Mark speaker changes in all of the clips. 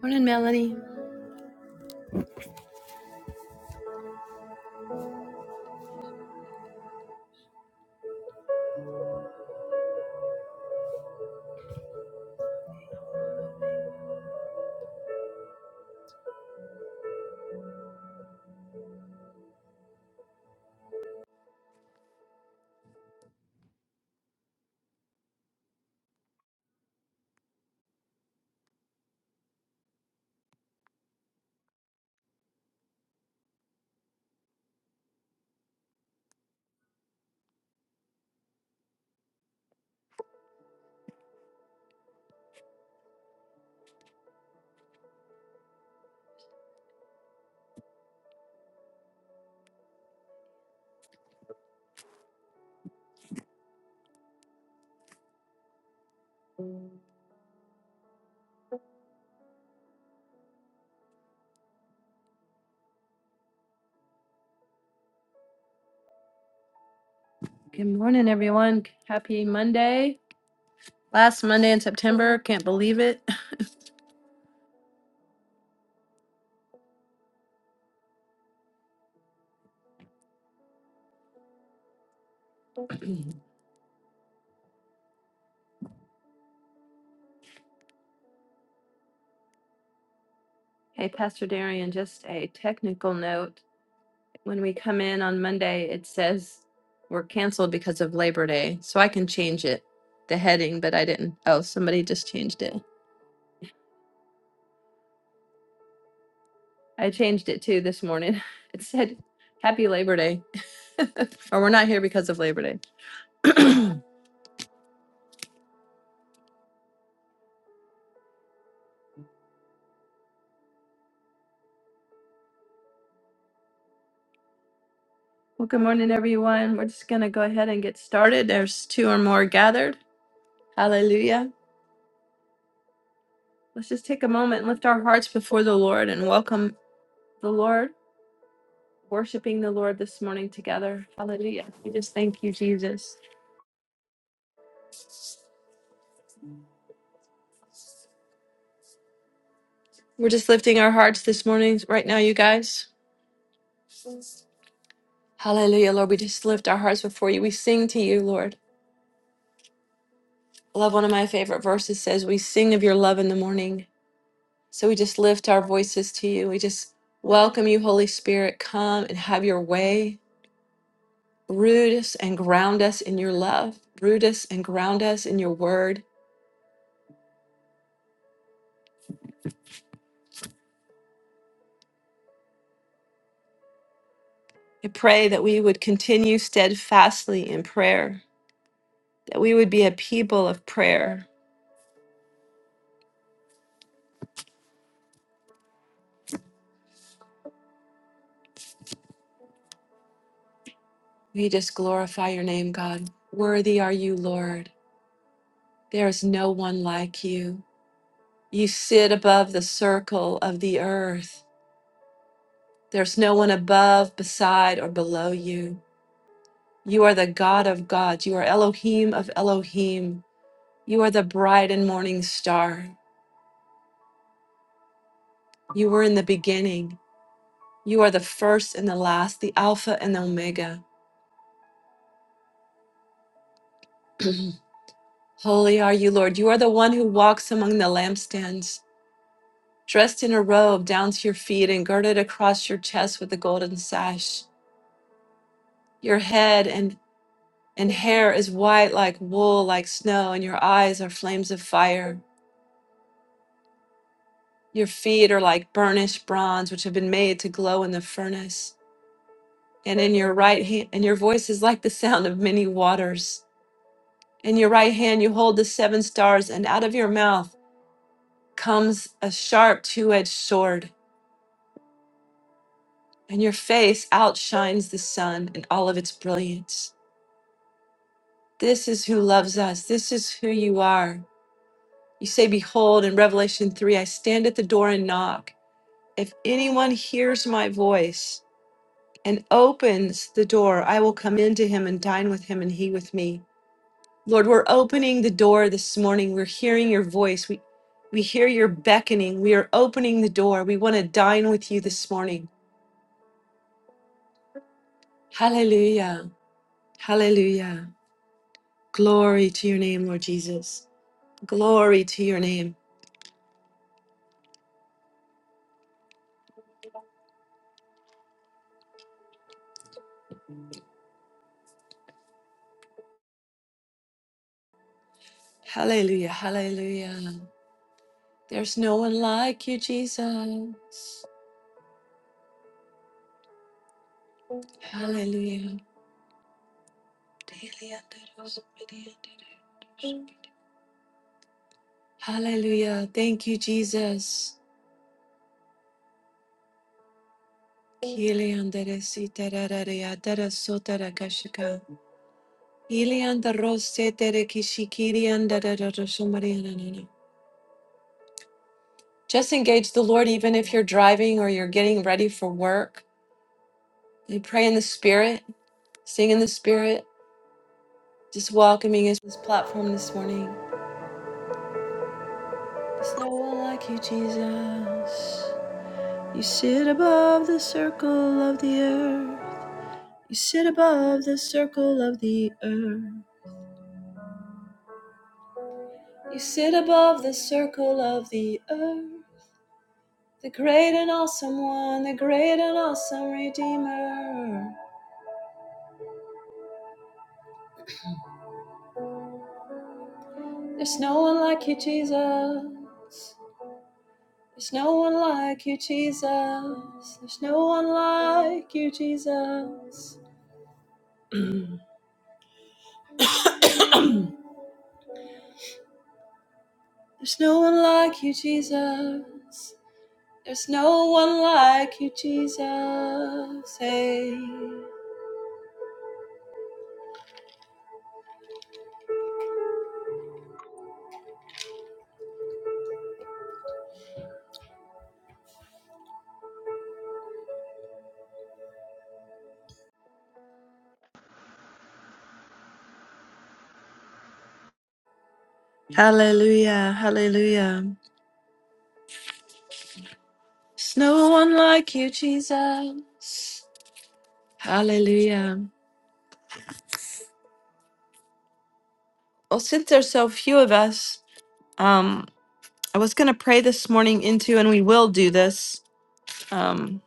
Speaker 1: Morning, Melanie. Good morning, everyone. Happy Monday. Last Monday in September. Can't believe it. Hey, Pastor Darian, just a technical note. When we come in on Monday, it says we're canceled because of Labor Day. So I can change it, the heading, but I didn't. Oh, somebody just changed it. I changed it too this morning. It said, Happy Labor Day. or we're not here because of Labor Day. well, good morning, everyone. We're just going to go ahead and get started. There's two or more gathered. Hallelujah. Let's just take a moment and lift our hearts before the Lord and welcome the Lord, worshiping the Lord this morning together. Hallelujah. We just thank you, Jesus. We're just lifting our hearts this morning, right now, you guys. Hallelujah, Lord. We just lift our hearts before you. We sing to you, Lord. I love one of my favorite verses says, We sing of your love in the morning. So we just lift our voices to you. We just welcome you, Holy Spirit. Come and have your way. Root us and ground us in your love. Root us and ground us in your word. I pray that we would continue steadfastly in prayer, that we would be a people of prayer. We just glorify your name, God. Worthy are you, Lord. There is no one like you. You sit above the circle of the earth. There's no one above, beside, or below you. You are the God of gods. You are Elohim of Elohim. You are the bright and morning star. You were in the beginning. You are the first and the last, the Alpha and the Omega. Holy are you, Lord. You are the one who walks among the lampstands, dressed in a robe down to your feet and girded across your chest with a golden sash. Your head and, and hair is white like wool, like snow, and your eyes are flames of fire. Your feet are like burnished bronze, which have been made to glow in the furnace. And in your right hand, and your voice is like the sound of many waters. In your right hand, you hold the seven stars, and out of your mouth comes a sharp two edged sword and your face outshines the sun in all of its brilliance. This is who loves us. This is who you are. You say, Behold, in Revelation 3, I stand at the door and knock. If anyone hears my voice and opens the door, I will come into him and dine with him and he with me. Lord, we're opening the door this morning. We're hearing your voice. We, we hear your beckoning. We are opening the door. We want to dine with you this morning. Hallelujah. Hallelujah. Glory to your name, Lord Jesus. Glory to your name. Hallelujah. Hallelujah. There's no one like you, Jesus. Hallelujah. Hallelujah. Thank you, Jesus. Just engage the Lord even if you're driving or you're getting ready for work. You pray in the spirit. Sing in the spirit, just welcoming us to this platform this morning. There's no one like you, Jesus. You sit above the circle of the earth. You sit above the circle of the earth. You sit above the circle of the earth. The great and awesome one, the great and awesome Redeemer. There's no one like you, Jesus. There's no one like you, Jesus. There's no one like you, Jesus. There's no one like you, Jesus. There's no one like you, Jesus. Hey. Hallelujah, hallelujah. There's no one like you, Jesus. Hallelujah. Well, since there's so few of us, um, I was going to pray this morning into, and we will do this. Um,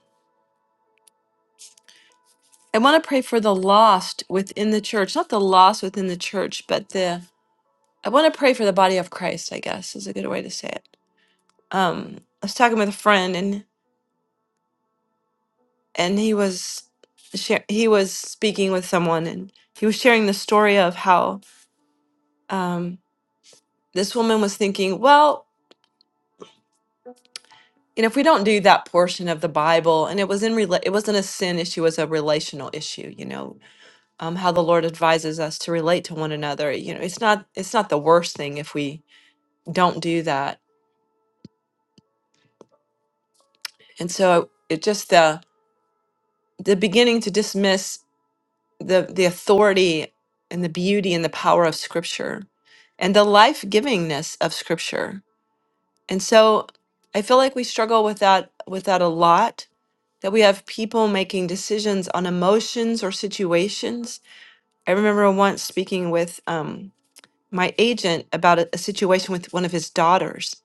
Speaker 1: I want to pray for the lost within the church, not the lost within the church, but the I want to pray for the body of Christ, I guess is a good way to say it. Um, I was talking with a friend and and he was share, he was speaking with someone and he was sharing the story of how um, this woman was thinking, well, you know, if we don't do that portion of the Bible, and it was in rela- it wasn't a sin issue, it was a relational issue. You know, um, how the Lord advises us to relate to one another. You know, it's not it's not the worst thing if we don't do that. And so it just the the beginning to dismiss the the authority and the beauty and the power of scripture and the life-givingness of scripture. And so I feel like we struggle with that with that a lot that we have people making decisions on emotions or situations. I remember once speaking with um my agent about a, a situation with one of his daughters.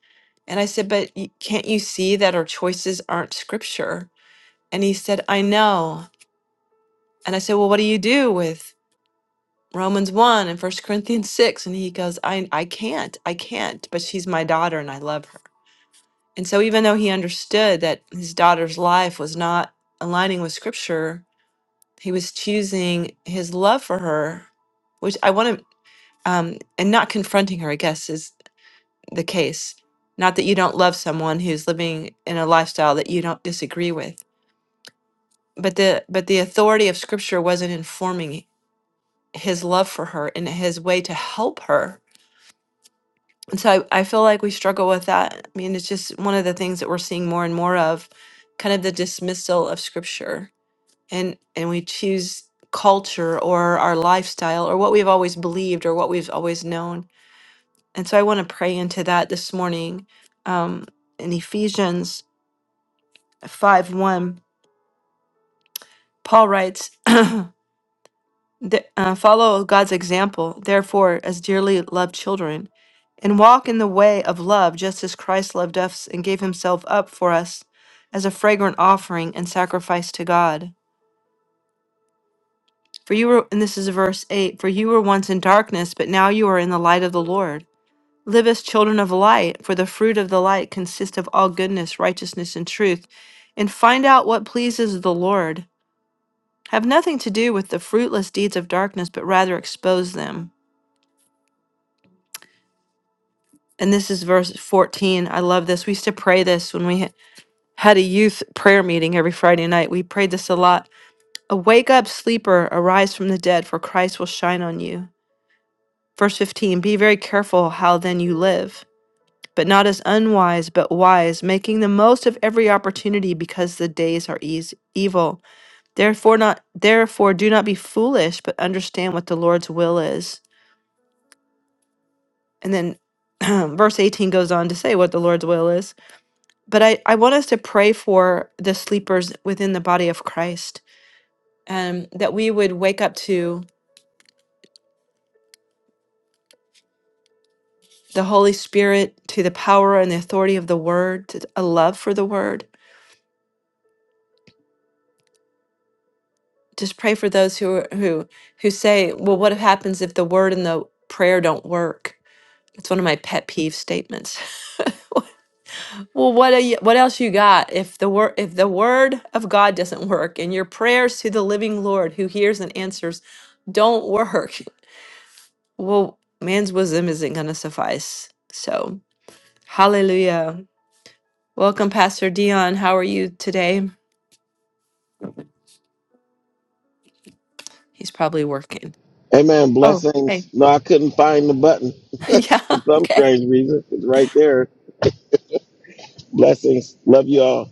Speaker 1: And I said, "But y- can't you see that our choices aren't scripture?" And he said, "I know." And I said, "Well, what do you do with?" Romans 1 and First Corinthians 6 and he goes I I can't I can't but she's my daughter and I love her. And so even though he understood that his daughter's life was not aligning with scripture, he was choosing his love for her which I want to um and not confronting her I guess is the case. Not that you don't love someone who's living in a lifestyle that you don't disagree with, but the but the authority of scripture wasn't informing his love for her and his way to help her And so I, I feel like we struggle with that. I mean, it's just one of the things that we're seeing more and more of, kind of the dismissal of scripture. And and we choose culture or our lifestyle or what we've always believed or what we've always known. And so I want to pray into that this morning. Um, in Ephesians 5 1, Paul writes, Th- uh, follow God's example, therefore, as dearly loved children, and walk in the way of love, just as Christ loved us and gave himself up for us as a fragrant offering and sacrifice to God. For you were, and this is verse 8 For you were once in darkness, but now you are in the light of the Lord. Live as children of light, for the fruit of the light consists of all goodness, righteousness, and truth. And find out what pleases the Lord. Have nothing to do with the fruitless deeds of darkness, but rather expose them. and this is verse 14. I love this. We used to pray this when we ha- had a youth prayer meeting every Friday night. We prayed this a lot. Awake up, sleeper, arise from the dead, for Christ will shine on you. Verse 15 Be very careful how then you live, but not as unwise, but wise, making the most of every opportunity because the days are eas evil. Therefore, not therefore do not be foolish, but understand what the Lord's will is. And then verse 18 goes on to say what the Lord's will is. But I, I want us to pray for the sleepers within the body of Christ, and that we would wake up to the Holy Spirit, to the power and the authority of the Word, to a love for the Word. Just pray for those who are- who who say, "Well, what happens if the Word and the prayer don't work?" It's one of my pet peeve statements. Well, what are you, what else you got if the word if the Word of God doesn't work and your prayers to the living Lord, who hears and answers, don't work? Well, man's wisdom isn't going to suffice. So, hallelujah. Welcome, Pastor Dion. How are you today? He's probably working.
Speaker 2: Amen.
Speaker 1: Oh,
Speaker 2: Blessings.
Speaker 1: hey.
Speaker 2: No, I couldn't find the button
Speaker 1: yeah,
Speaker 2: for some
Speaker 1: okay.
Speaker 2: strange reason. It's right there. Blessings. Love you all.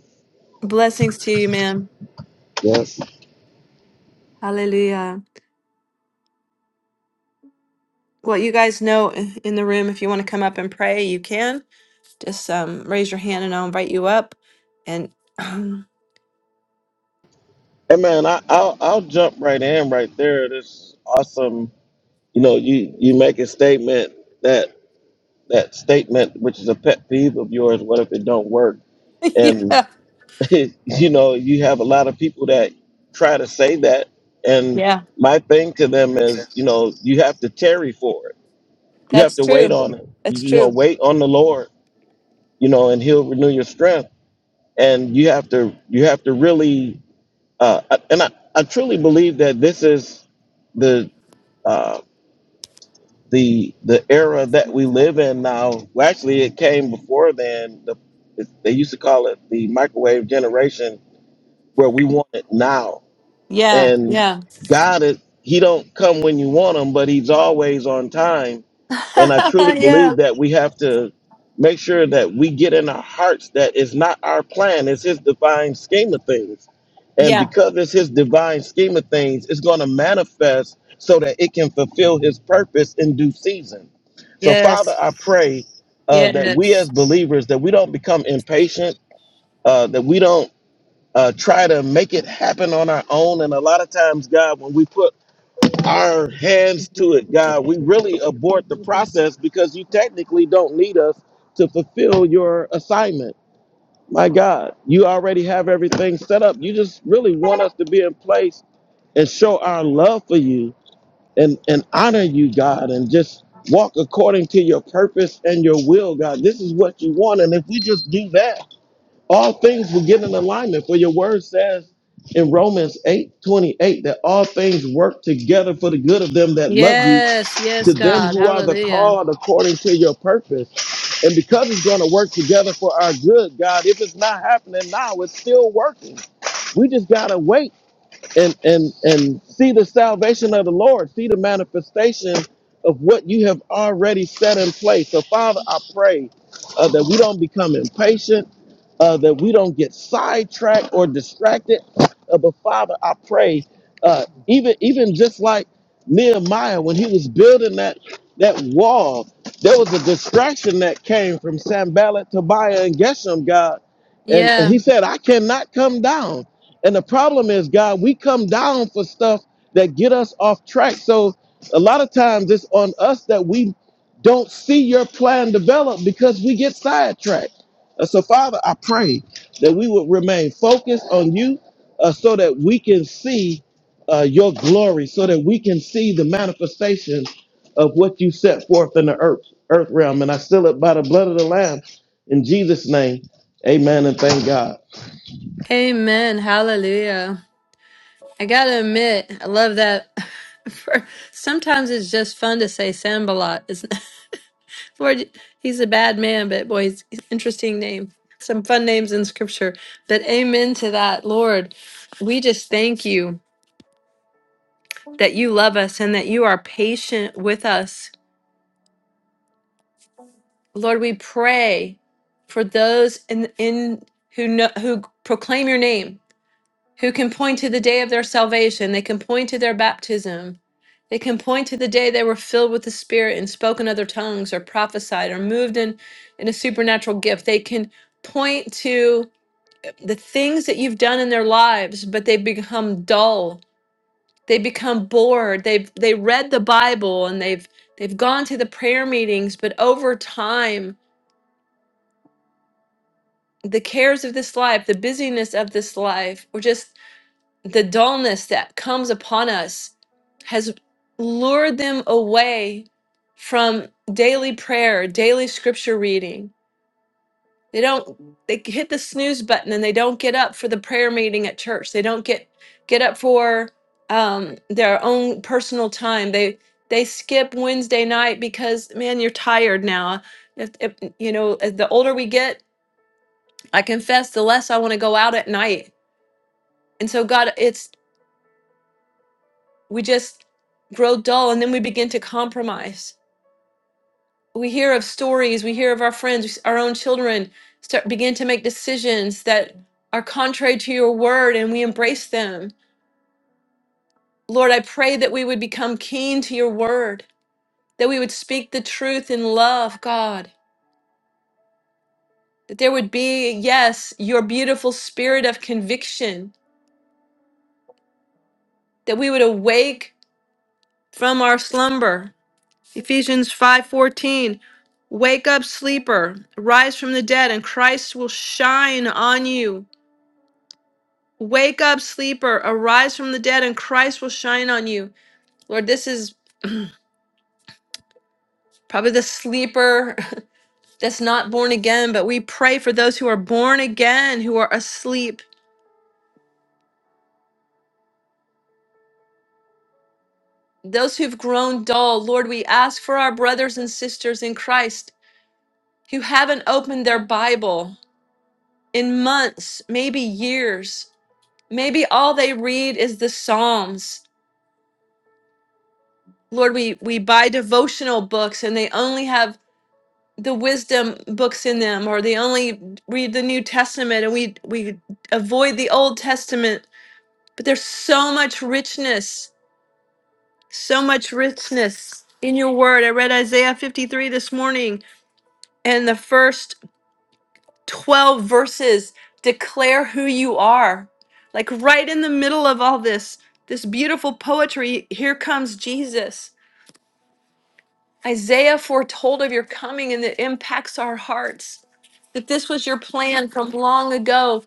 Speaker 1: Blessings to you, ma'am.
Speaker 2: Yes.
Speaker 1: Hallelujah. Well, you guys know in the room, if you want to come up and pray, you can. Just um, raise your hand and I'll invite you up. And
Speaker 2: Amen. I, I'll I'll jump right in right there. This awesome. You know, you you make a statement that that statement, which is a pet peeve of yours. What if it don't work? And
Speaker 1: yeah,
Speaker 2: you know, you have a lot of people that try to say that. And
Speaker 1: yeah,
Speaker 2: my thing to them is, you know, you have to tarry for it. You have
Speaker 1: that's
Speaker 2: to wait on
Speaker 1: true.
Speaker 2: it.
Speaker 1: That's
Speaker 2: You know,
Speaker 1: true.
Speaker 2: wait on the Lord you know, and he'll renew your strength. And you have to, you have to really, uh, and I, I truly believe that this is the, uh, the, the era that we live in now. Well, actually, it came before then. The, it, they used to call it the microwave generation, where we want it now.
Speaker 1: Yeah,
Speaker 2: And
Speaker 1: yeah.
Speaker 2: God is, He don't come when you want Him, but He's always on time And I truly
Speaker 1: yeah.
Speaker 2: believe that we have to make sure that we get in our hearts that it's not our plan, it's His divine scheme of things. And
Speaker 1: Yeah.
Speaker 2: because it's His divine scheme of things, it's going to manifest so that it can fulfill His purpose in due season. So, Father, I pray
Speaker 1: Yes.
Speaker 2: uh, that we
Speaker 1: Yes.
Speaker 2: as believers that we don't become impatient, uh, that we don't uh, try to make it happen on our own. And a lot of times, God, when we put our hands to it, God. We really abort the process because you technically don't need us to fulfill your assignment. My God, you already have everything set up. You just really want us to be in place and show our love for you and, and honor you, God, and just walk according to your purpose and your will, God. This is what you want. And if we just do that, all things will get in alignment. For your word says in Romans eight twenty eight that all things work together for the good of them that love you,
Speaker 1: Yes.
Speaker 2: to
Speaker 1: Yes,
Speaker 2: them
Speaker 1: God.
Speaker 2: who are the
Speaker 1: Hallelujah.
Speaker 2: called according to your purpose. And because it's going to work together for our good, God, if it's not happening now, it's still working. We just got to wait and and and see the salvation of the Lord, see the manifestation of what you have already set in place. So, Father, I pray uh, that we don't become impatient, uh, that we don't get sidetracked or distracted. Uh, but Father, I pray, uh, even even just like Nehemiah when he was building that that wall, there was a distraction that came from Sambalat, Tobiah, and Geshem, God, and, and
Speaker 1: Yeah.
Speaker 2: he said, "I cannot come down." And the problem is, God, we come down for stuff that get us off track. So a lot of times it's on us that we don't see your plan develop because we get sidetracked. Uh, so, Father, I pray that we would remain focused on you uh, so that we can see uh, your glory, so that we can see the manifestation of what you set forth in the earth, earth realm. And I seal it by the blood of the Lamb in Jesus' name. Amen and thank God.
Speaker 1: Amen. Hallelujah. I got to admit, I love that. For, sometimes it's just fun to say Sambalot. It's, Lord, he's a bad man, but boy, he's he's an interesting name. Some fun names in scripture. But amen to that, Lord. We just thank you that you love us and that you are patient with us Lord, we pray for those in in who know, who proclaim your name, who can point to the day of their salvation, they can point to their baptism. They can point to the day they were filled with the Spirit and spoke in other tongues or prophesied or moved in in a supernatural gift. They can point to the things that you've done in their lives, but they've become dull. They become bored. They've they read the Bible and they've they've gone to the prayer meetings, but over time the cares of this life, the busyness of this life, or just the dullness that comes upon us has lured them away from daily prayer, daily scripture reading. They don't they hit the snooze button and they don't get up for the prayer meeting at church. They don't get get up for um their own personal time. They they skip Wednesday night because man, you're tired now. If, if you know, as the older we get, I confess, the less I want to go out at night. And so, God, it's we just grow dull and then we begin to compromise. We hear of stories, we hear of our friends, our own children start begin to make decisions that are contrary to your word and we embrace them. Lord, I pray that we would become keen to your word, that we would speak the truth in love, God, that there would be, yes, your beautiful spirit of conviction, that we would awake from our slumber Ephesians 5:14 Wake up sleeper rise from the dead and Christ will shine on you. Wake up sleeper arise from the dead and Christ will shine on you. Lord, this is probably the sleeper that's not born again, but we pray for those who are born again who are asleep. Those who've grown dull, Lord, we ask for our brothers and sisters in Christ who haven't opened their Bible in months, maybe years. Maybe all they read is the Psalms. Lord, we, we buy devotional books and they only have the wisdom books in them, or they only read the New Testament and we, we avoid the Old Testament. But there's so much richness, so much richness in your word. I read Isaiah 53 this morning, and the first 12 verses declare who you are. Like right in the middle of all this, this beautiful poetry, here comes Jesus Isaiah foretold of your coming and it impacts our hearts. That this was your plan from long ago.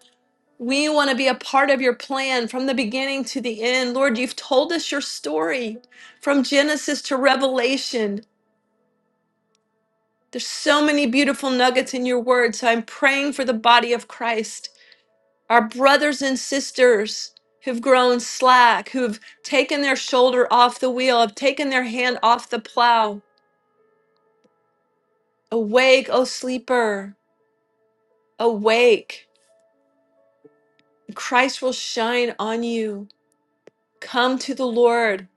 Speaker 1: We want to be a part of your plan from the beginning to the end. Lord, you've told us your story from Genesis to Revelation. There's so many beautiful nuggets in your word. So I'm praying for the body of Christ, our brothers and sisters who've grown slack, who've taken their shoulder off the wheel, have taken their hand off the plow. Awake, O sleeper. Awake, Christ will shine on you. Come to the Lord,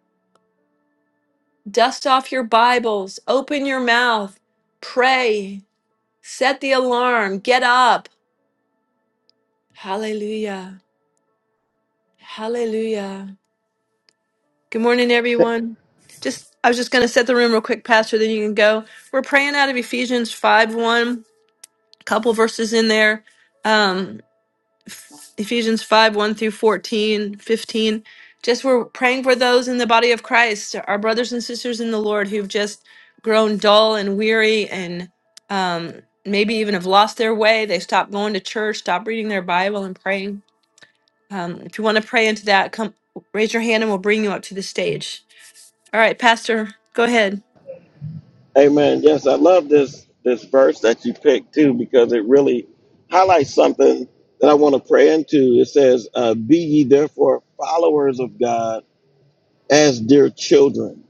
Speaker 1: dust off your Bibles, open your mouth, pray, set the alarm, get up. Hallelujah. Hallelujah. Good morning, everyone. Just I was just gonna set the room real quick, Pastor, then you can go. We're praying out of Ephesians 5 1, a couple verses in there. Um. Ephesians 5 1 through 14 15, Just we're praying for those in the body of Christ, our brothers and sisters in the Lord who've just grown dull and weary and um, maybe even have lost their way. They stopped going to church, stopped reading their Bible and praying. Um, if you want to pray into that, come raise your hand and we'll bring you up to the stage. All right, Pastor, go ahead.
Speaker 2: Amen. Yes, I love this this verse that you picked too because it really highlights something that I want to pray into. It says, uh, "Be ye therefore followers of God as dear children."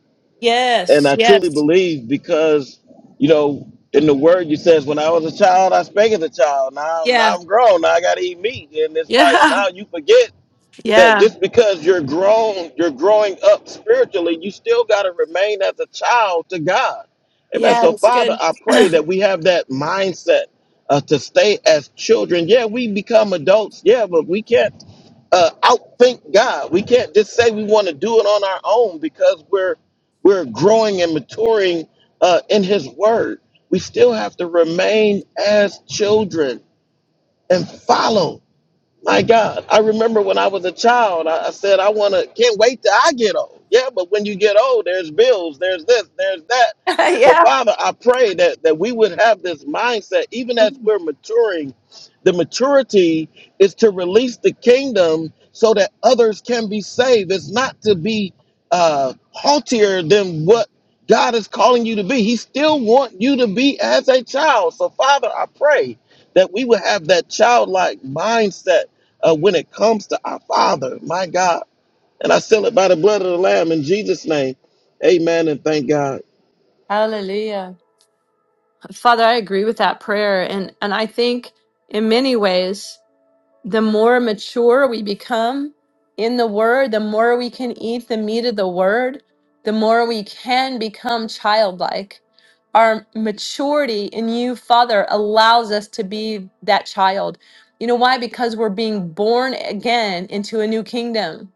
Speaker 2: And
Speaker 1: Yes,
Speaker 2: I truly
Speaker 1: yes,
Speaker 2: believe because you know in the Word you says, "When I was a child, I spake as a child. Now,
Speaker 1: yeah,
Speaker 2: now I'm grown. Now I got to eat meat." And it's like
Speaker 1: yeah,
Speaker 2: now you forget that
Speaker 1: yeah,
Speaker 2: just because you're grown, you're growing up spiritually, you still got to remain as a child to God. Amen.
Speaker 1: yeah,
Speaker 2: So,
Speaker 1: that's
Speaker 2: Father,
Speaker 1: good.
Speaker 2: I pray that we have that mindset uh, to stay as children. Yeah, we become adults. Yeah, but we can't uh, outthink God. We can't just say we want to do it on our own because we're we're growing and maturing uh, in His Word. We still have to remain as children and follow. My God, I remember when I was a child, I, I said, I want to, can't wait till I get old. Yeah, but when you get old, there's bills, there's this, there's that. So,
Speaker 1: yeah.
Speaker 2: Father, I pray that, that we would have this mindset, even as we're maturing. The maturity is to release the kingdom so that others can be saved. It's not to be uh, haughtier than what God is calling you to be. He still wants you to be as a child. So, Father, I pray that we would have that childlike mindset uh, when it comes to our Father, my God. And I seal it by the blood of the Lamb in Jesus' name. Amen and thank God.
Speaker 1: Hallelujah. Father, I agree with that prayer. And, and I think in many ways, the more mature we become in the word, the more we can eat the meat of the word, the more we can become childlike. Our maturity in you, Father, allows us to be that child. You know why? Because we're being born again into a new kingdom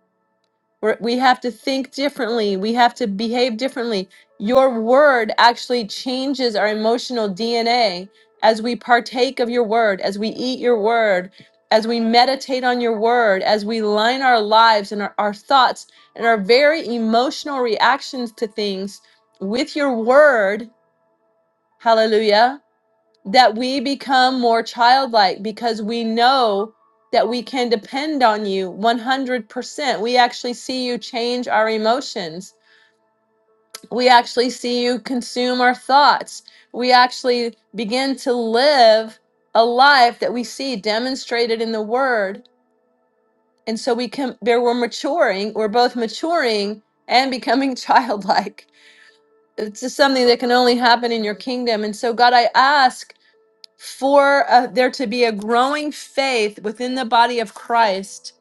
Speaker 1: we're, we have to think differently. We have to behave differently. Your word actually changes our emotional DNA as we partake of your word, as we eat your word, as we meditate on your word, as we line our lives and our, our thoughts and our very emotional reactions to things with your word. Hallelujah that we become more childlike because we know that we can depend on you 100%. We actually see you change our emotions. We actually see you consume our thoughts. We actually begin to live a life that we see demonstrated in the word. And so we can there we're maturing, we're both maturing and becoming childlike. It's just something that can only happen in your kingdom. And so God, I ask for uh, there to be a growing faith within the body of Christ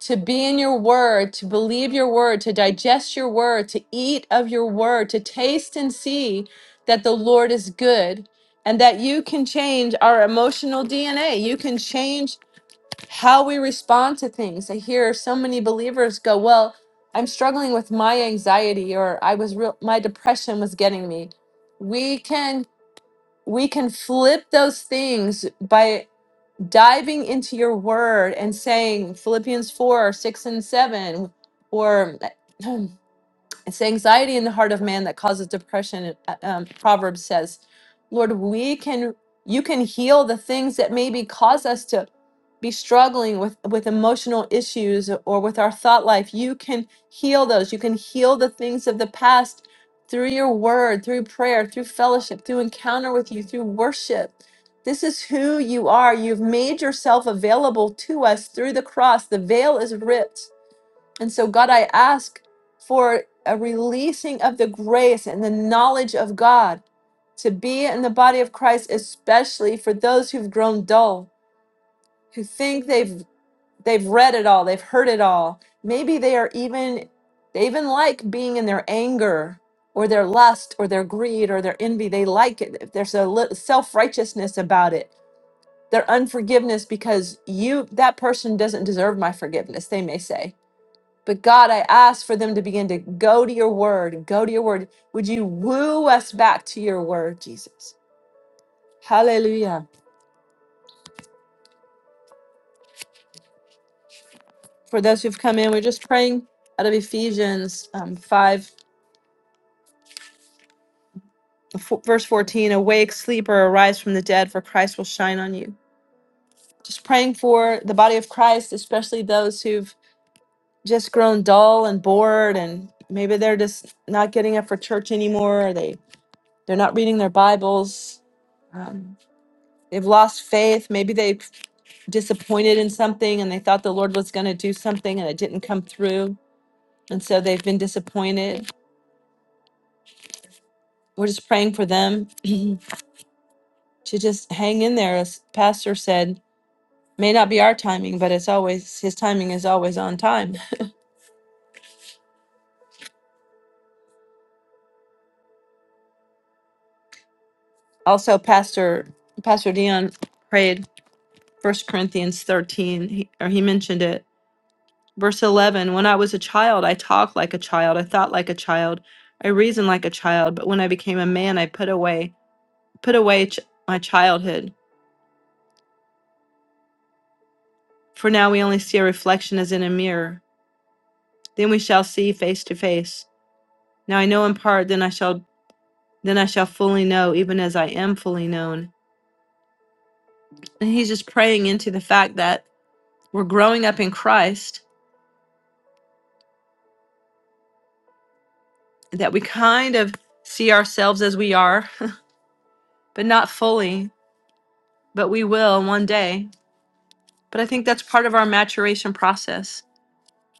Speaker 1: to be in your word, to believe your word, to digest your word, to eat of your word, to taste and see that the Lord is good and that you can change our emotional DNA. You can change how we respond to things. I hear so many believers go, "Well, I'm struggling with my anxiety or I was real my depression was getting me." We can we can flip those things by diving into your word and saying Philippians 4, 6, and 7, or It's anxiety in the heart of man that causes depression. Uh, Um, Proverbs says, Lord, we can, you can heal the things that maybe cause us to be struggling with, with emotional issues or with our thought life. You can heal those. You can heal the things of the past through your word, through prayer, through fellowship, through encounter with you, through worship. This is who you are. You've made yourself available to us through the cross. The veil is ripped and so, God, I ask for a releasing of the grace and the knowledge of God to be in the body of Christ, especially for those who've grown dull, who think they've they've read it all, they've heard it all. Maybe they are even they even like being in their anger or their lust or their greed or their envy. They like it. There's a lit- self-righteousness about it. Their unforgiveness because you that person doesn't deserve my forgiveness, they may say but God, I ask for them to begin to go to your word and go to your word. Would you woo us back to your word, Jesus? Hallelujah. For those who've come in, we're just praying out of Ephesians um, 5, f- verse 14 Awake, sleep, or arise from the dead, for Christ will shine on you. Just praying for the body of Christ, especially those who've just grown dull and bored, and maybe they're just not getting up for church anymore, or they, they're not reading their Bibles. Um, they've lost faith. Maybe they disappointed in something and they thought the Lord was going to do something and it didn't come through. And so they've been disappointed. We're just praying for them to just hang in there. As Pastor said, may not be our timing, but it's always his timing is always on time. Also, Pastor Pastor Dion prayed First Corinthians 13, he, or he mentioned it. Verse 11 When I was a child, I talked like a child, I thought like a child, I reasoned like a child, but when I became a man, I put away put away ch- my childhood. For now we only see a reflection as in a mirror. Then we shall see face to face. Now I know in part, then I shall then I shall fully know, even as I am fully known. And he's just praying into the fact that we're growing up in Christ, that we kind of see ourselves as we are, but not fully, but we will one day. But I think that's part of our maturation process,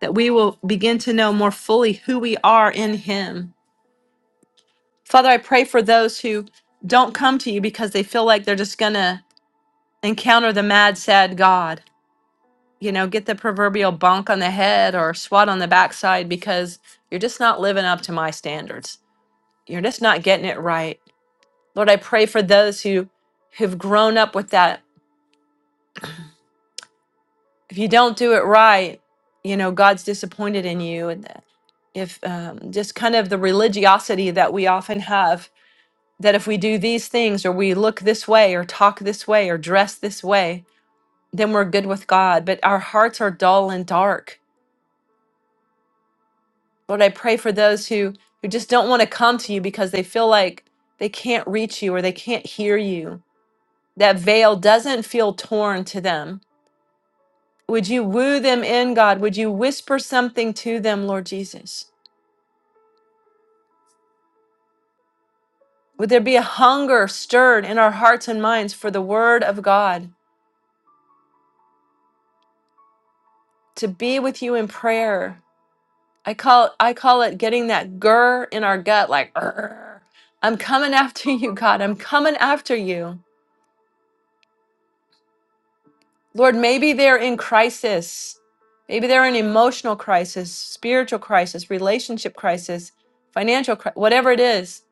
Speaker 1: that we will begin to know more fully who we are in him Father, I pray for those who don't come to you because they feel like they're just going to encounter the mad, sad God, you know, get the proverbial bonk on the head or swat on the backside because you're just not living up to my standards. You're just not getting it right. Lord, I pray for those who have grown up with that. If you don't do it right, you know, God's disappointed in you. And that if um, just kind of the religiosity that we often have that if we do these things or we look this way or talk this way or dress this way, then we're good with God. But our hearts are dull and dark. Lord, I pray for those who, who just don't want to come to you because they feel like they can't reach you or they can't hear you. That veil doesn't feel torn to them. Would you woo them in, God? Would you whisper something to them, Lord Jesus? Would there be a hunger stirred in our hearts and minds for the word of God to be with you in prayer? I call I call it getting that grr in our gut, like "Grr. I'm coming after you, God. I'm coming after you, Lord. Maybe they're in crisis, maybe they're in emotional crisis, spiritual crisis, relationship crisis, financial, cri- whatever it is.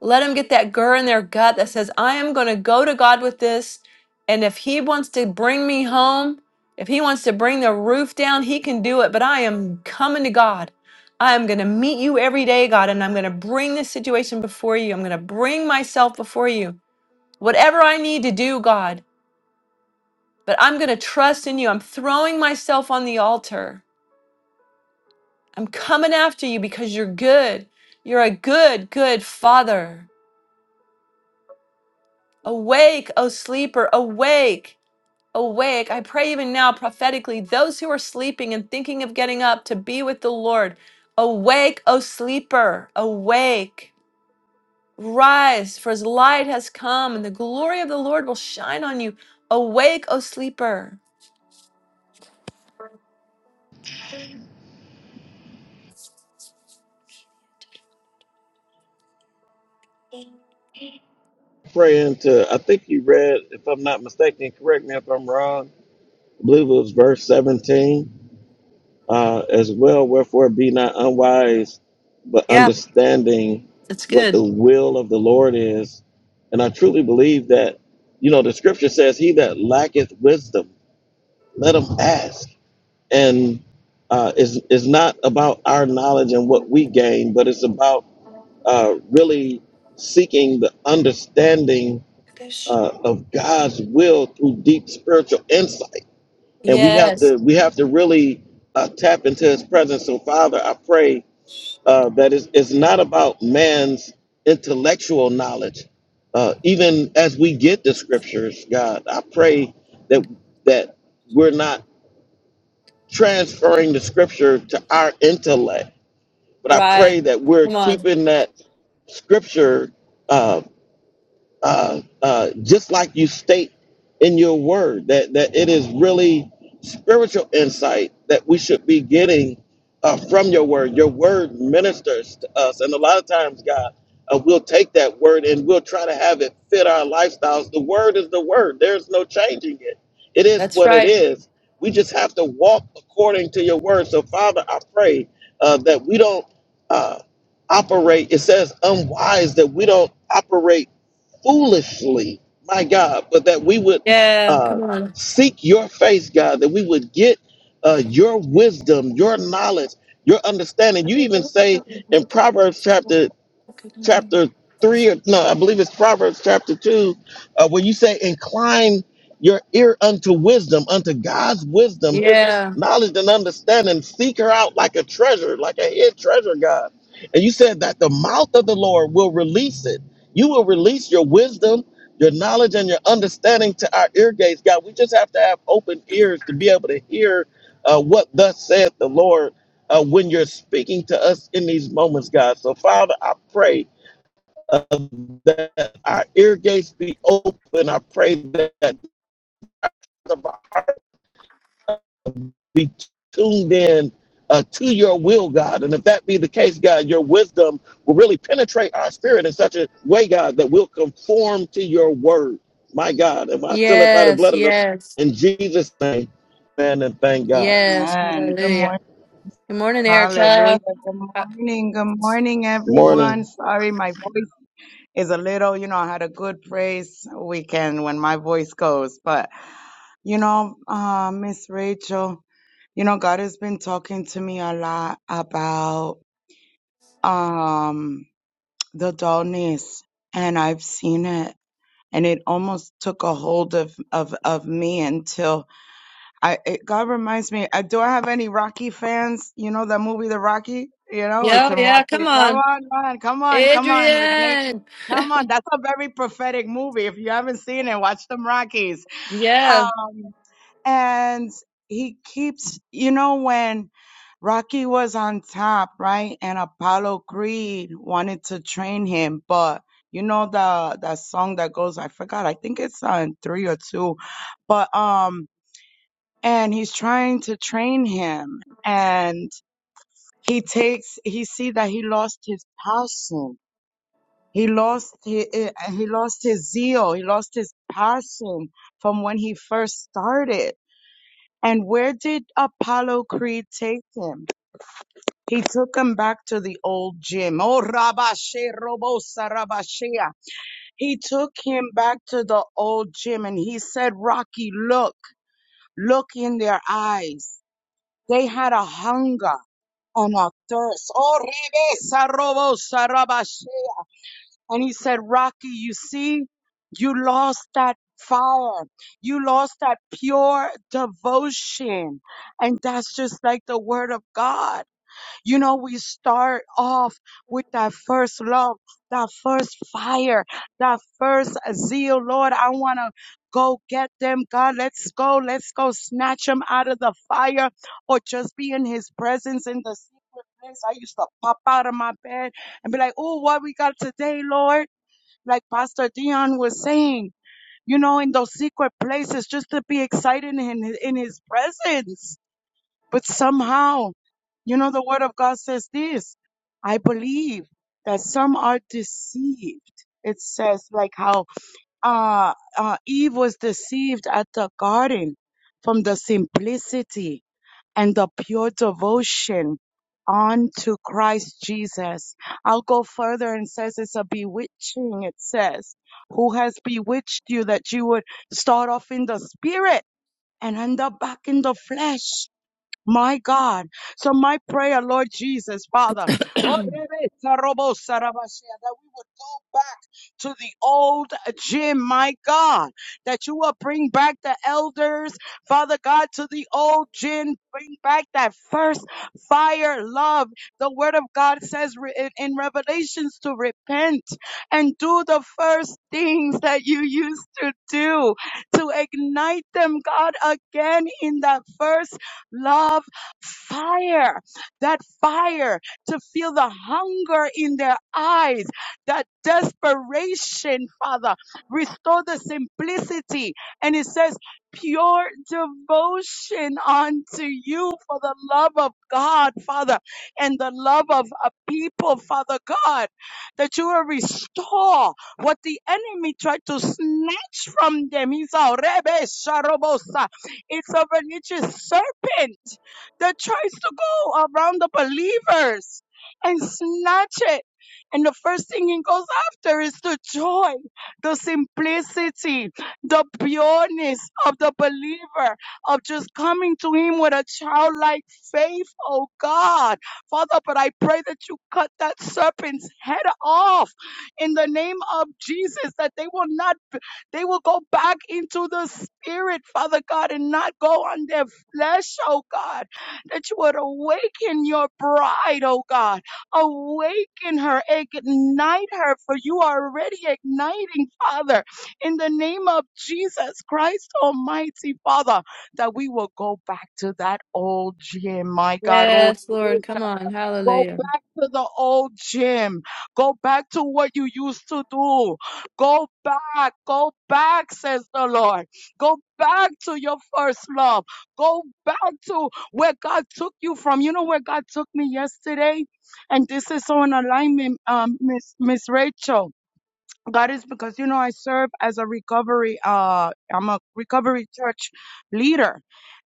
Speaker 1: Let them get that gur in their gut that says, I am going to go to God with this. And if He wants to bring me home, if He wants to bring the roof down, He can do it. But I am coming to God. I am going to meet you every day, God, and I'm going to bring this situation before you. I'm going to bring myself before you. Whatever I need to do, God, but I'm going to trust in you. I'm throwing myself on the altar. I'm coming after you because you're good. You're a good, good Father. Awake, O sleeper, awake. awake, I pray even now prophetically, those who are sleeping and thinking of getting up to be with the Lord. Awake, O sleeper, awake, rise, for his light has come, and the glory of the Lord will shine on you. Awake, O sleeper.
Speaker 2: Praying to, I think you read, if I'm not mistaken, correct me if I'm wrong, I believe it was verse 17 uh, as well. Wherefore be not unwise, but
Speaker 1: Yeah,
Speaker 2: understanding
Speaker 1: that's
Speaker 2: what the
Speaker 1: good.
Speaker 2: will of the Lord is. And I truly believe that, you know, the scripture says, He that lacketh wisdom, let him ask and uh, is is not about our knowledge and what we gain, but it's about uh, really seeking the understanding uh, of God's will through deep spiritual insight. And we have
Speaker 1: Yes,
Speaker 2: to we have to really uh, tap into His presence. So, Father, I pray uh, that it's, it's not about man's intellectual knowledge. Uh, even as we get the scriptures, God, I pray that that we're not transferring the scripture to our intellect. But I pray
Speaker 1: right.
Speaker 2: that we're
Speaker 1: Come on.
Speaker 2: keeping that scripture uh, uh, uh, just like you state in your word that that it is really spiritual insight that we should be getting uh, from your word. Your word ministers to us, and a lot of times, God, uh, we'll take that word and we'll try to have it fit our lifestyles. The word is the word. There's no changing it. It is
Speaker 1: That's
Speaker 2: what it
Speaker 1: right.
Speaker 2: is. We just have to walk according to your word. So, Father, I pray uh, that we don't. Uh, operate it says unwise that we don't operate foolishly, my God, but that we would
Speaker 1: Yeah,
Speaker 2: uh,
Speaker 1: come on.
Speaker 2: seek your face, God, that we would get uh, your wisdom, your knowledge, your understanding. You even say in Proverbs chapter chapter three, or no, I believe it's Proverbs chapter two, uh, where you say, "Incline your ear unto wisdom, unto God's wisdom, His
Speaker 1: Yeah.
Speaker 2: knowledge and understanding. Seek her out like a treasure, like a hid treasure, God." And you said that the mouth of the Lord will release it. You will release your wisdom, your knowledge, and your understanding to our ear gates, God. We just have to have open ears to be able to hear uh, what thus saith the Lord. Uh, when you're speaking to us in these moments, God. So, Father, I pray that our ear gates be open. I pray that our heart be tuned in uh, to your will, God. And if that be the case, God, your wisdom will really penetrate our spirit in such a way, God, that we'll conform to your word. My God, if I still it by the
Speaker 1: Yes,
Speaker 2: blood of the
Speaker 1: yes,
Speaker 2: in Jesus' name, man, and thank God.
Speaker 1: yes.
Speaker 3: Amen. Good
Speaker 1: Hallelujah.
Speaker 3: morning.
Speaker 1: Good morning,
Speaker 3: Hallelujah.
Speaker 1: Erica.
Speaker 3: Good morning. Good morning, everyone.
Speaker 2: Morning.
Speaker 3: Sorry, my voice is a little, you know, I had a good praise weekend when my voice goes, but you know, uh, Miss Rachel, you know, God has been talking to me a lot about um the dullness, and I've seen it, and it almost took a hold of of of me until I it, God reminds me. Uh, do I have any Rocky fans? You know that movie, The Rocky. You know we
Speaker 1: Yeah,
Speaker 3: can
Speaker 1: yeah,
Speaker 3: watch
Speaker 1: come
Speaker 3: it. Come
Speaker 1: on.
Speaker 3: on, man. Come on, come on. We're gonna
Speaker 1: Adrian.
Speaker 3: come on. That's a very prophetic movie. If you haven't seen it, watch them Rockies.
Speaker 1: Yeah.
Speaker 3: Um, and he keeps. You know when Rocky was on top, right? And Apollo Creed wanted to train him, but you know the that song that goes. I forgot. I think it's on three or two, but um and he's trying to train him and he takes he see that he lost his passion he lost he, he lost his zeal he lost his passion from when he first started and where did apollo creed take him he took him back to the old gym. Oh, Rabashe Robosa Rabashea. He took him back to the old gym and he said, Rocky, look, look in their eyes. They had a hunger. and a thirst. Oh, rebesa robo sarabashe. And he said, Rocky, you see, you lost that fire. You lost that pure devotion. And that's just like the word of God. You know, we start off with that first love, that first fire, that first zeal. Lord, I want to go get them. God, let's go. Let's go snatch them out of the fire or just be in his presence in the secret place. I used to pop out of my bed and be like, oh, what we got today, Lord? Like Pastor Dion was saying, you know, in those secret places, just to be excited in, in his presence but somehow, you know, the word of God says this. I believe that some are deceived. It says like how uh, uh, Eve was deceived at the garden from the simplicity and the pure devotion unto Christ Jesus. I'll go further and says it's a bewitching. It says, who has bewitched you that you would start off in the spirit and end up back in the flesh? My God. So my prayer, Lord Jesus, Father, oh, rebe, sarobo, sarabashea, that we would go back to the old gym, my God, that you will bring back the elders, Father God, to the old gym, bring back that first fire love. The word of God says re- in in Revelations to repent and do the first things that you used to do, to ignite them, God, again in that first love fire, that fire to feel the hunger in their eyes, that desperation, Father. Restore the simplicity. And it says, pure devotion unto you for the love of God, Father, and the love of a people, Father God, that you will restore what the enemy tried to snatch from them. He's it's a religious serpent that tries to go around the believers and snatch it. And the first thing it goes after is the joy, the simplicity, the pureness of the believer, of just coming to Him with a childlike faith, oh God. Father, but I pray that you cut that serpent's head off in the name of Jesus, that they will not they will go back into the spirit, Father God, and not go on their flesh, oh God. That you would awaken your bride, oh God. Awaken her, ignite her, for you are already igniting, Father, in the name of Jesus Christ Almighty, Father, that we will go back to that old gym, my God. oh,
Speaker 1: Yes, Lord. Come on.
Speaker 3: Go
Speaker 1: Hallelujah.
Speaker 3: back to the old gym. Go back to what you used to do. Go back. Go back, says the Lord. Go back to your first love. Go back to where God took you from. You know where God took me yesterday? And this is so in alignment, um, Miss, Miss Rachel. God is because you know I serve as a recovery uh I'm a recovery church leader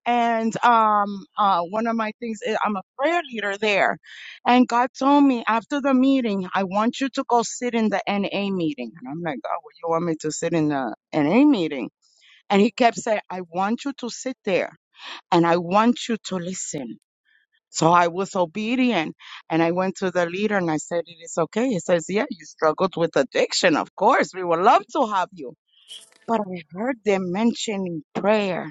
Speaker 3: and um uh one of my things is I'm a prayer leader there and God told me after the meeting I want you to go sit in the NA meeting and I'm like God what you want me to sit in the NA meeting and he kept saying I want you to sit there and I want you to listen so I was obedient and I went to the leader and I said, It is okay. He says, Yeah, you struggled with addiction. Of course, we would love to have you. But I heard them mentioning prayer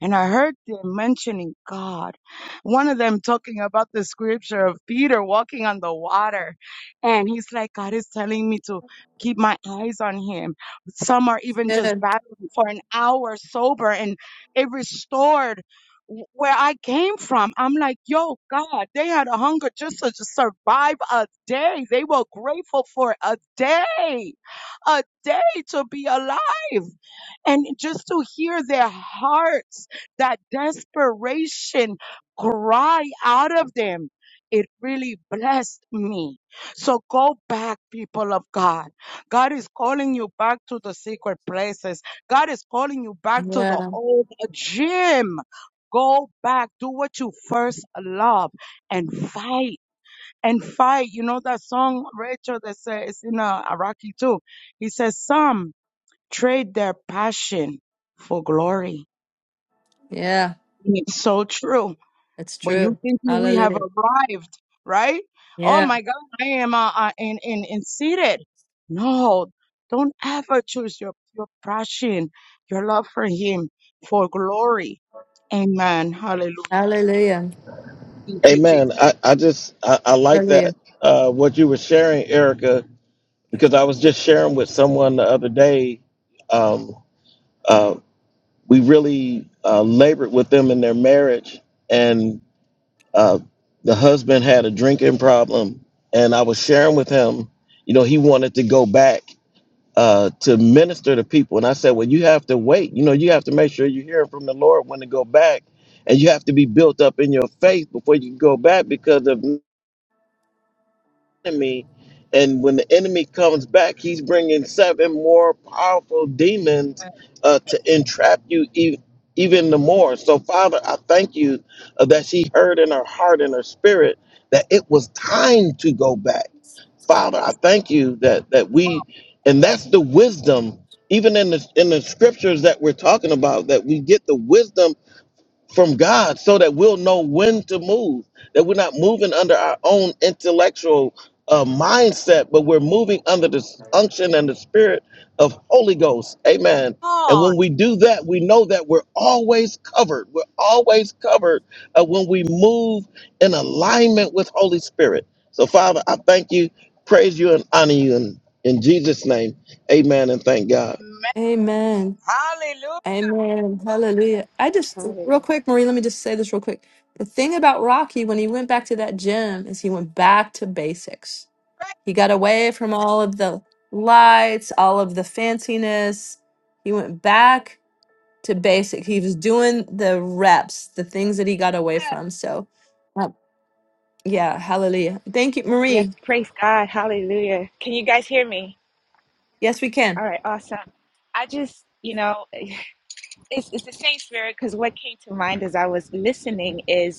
Speaker 3: and I heard them mentioning God. One of them talking about the scripture of Peter walking on the water. And he's like, God is telling me to keep my eyes on him. Some are even just
Speaker 1: Good.
Speaker 3: battling for an hour sober and it restored w- where I came from. I'm like, yo, God, they had a hunger just to just survive a day. They were grateful for a day, a day to be alive and just to hear their hearts, that desperation cry out of them. It really blessed me. So go back, people of God. God is calling you back to the secret places. God is calling you back to the
Speaker 1: Yeah.
Speaker 3: old gym. Go back, do what you first love and fight and fight. You know that song, Rachel, that says it's in uh, Iraqi too. He says, Some trade their passion for glory.
Speaker 1: Yeah.
Speaker 3: It's so true.
Speaker 1: It's
Speaker 3: When you
Speaker 1: true.
Speaker 3: think we have
Speaker 1: Hallelujah.
Speaker 3: arrived, right? Oh
Speaker 1: Yeah.
Speaker 3: my God, I am uh, uh, in, in, in seated. No, don't ever choose your, your passion, your love for Him for glory. Amen. Hallelujah.
Speaker 1: Hallelujah.
Speaker 3: Thank you, Jesus.
Speaker 2: Amen. I, I just I, I like that
Speaker 1: Hallelujah.
Speaker 2: uh, what you were sharing, Erica, because I was just sharing with someone the other day. Um, Uh, we really uh, labored with them in their marriage, and uh, the husband had a drinking problem. And I was sharing with him, you know, he wanted to go back uh, to minister to people. And I said, well, you have to wait. You know, you have to make sure you're hearing from the Lord when to go back. And you have to be built up in your faith before you can go back because of enemy. And when the enemy comes back, he's bringing seven more powerful demons uh, to entrap you even even the more. So, Father, I thank you uh, that she heard in her heart and her spirit that it was time to go back. Father, I thank you that that we, and that's the wisdom. Even in the in the scriptures that we're talking about, that we get the wisdom from God so that we'll know when to move, that we're not moving under our own
Speaker 3: Come
Speaker 2: intellectual uh, mindset, but we're moving under the unction and the spirit of Holy Ghost. Amen. And
Speaker 3: on.
Speaker 2: when we do that, we know that we're always covered. We're always covered uh, when we move in alignment with Holy Spirit. So, Father, I thank you, praise you, and honor you. in in Jesus' name, amen and thank God.
Speaker 3: Amen.
Speaker 1: Amen.
Speaker 3: Hallelujah.
Speaker 1: Amen. Hallelujah. I just real
Speaker 4: Hallelujah.
Speaker 1: quick, Marie, let me just say this real quick. The thing about Rocky when he went back to that gym is he went back to basics. He got away from all of the lights, all of the fanciness. He went back to basic. He was doing the reps, the things that he got away from. So, uh, yeah, hallelujah. Thank you,
Speaker 4: Yes,
Speaker 1: Marie.
Speaker 4: praise God. Hallelujah. Can you guys hear me?
Speaker 1: Yes, we
Speaker 4: All
Speaker 1: can.
Speaker 4: right, awesome. I just, you know, it's, it's the same spirit because what came to mind as I was listening is.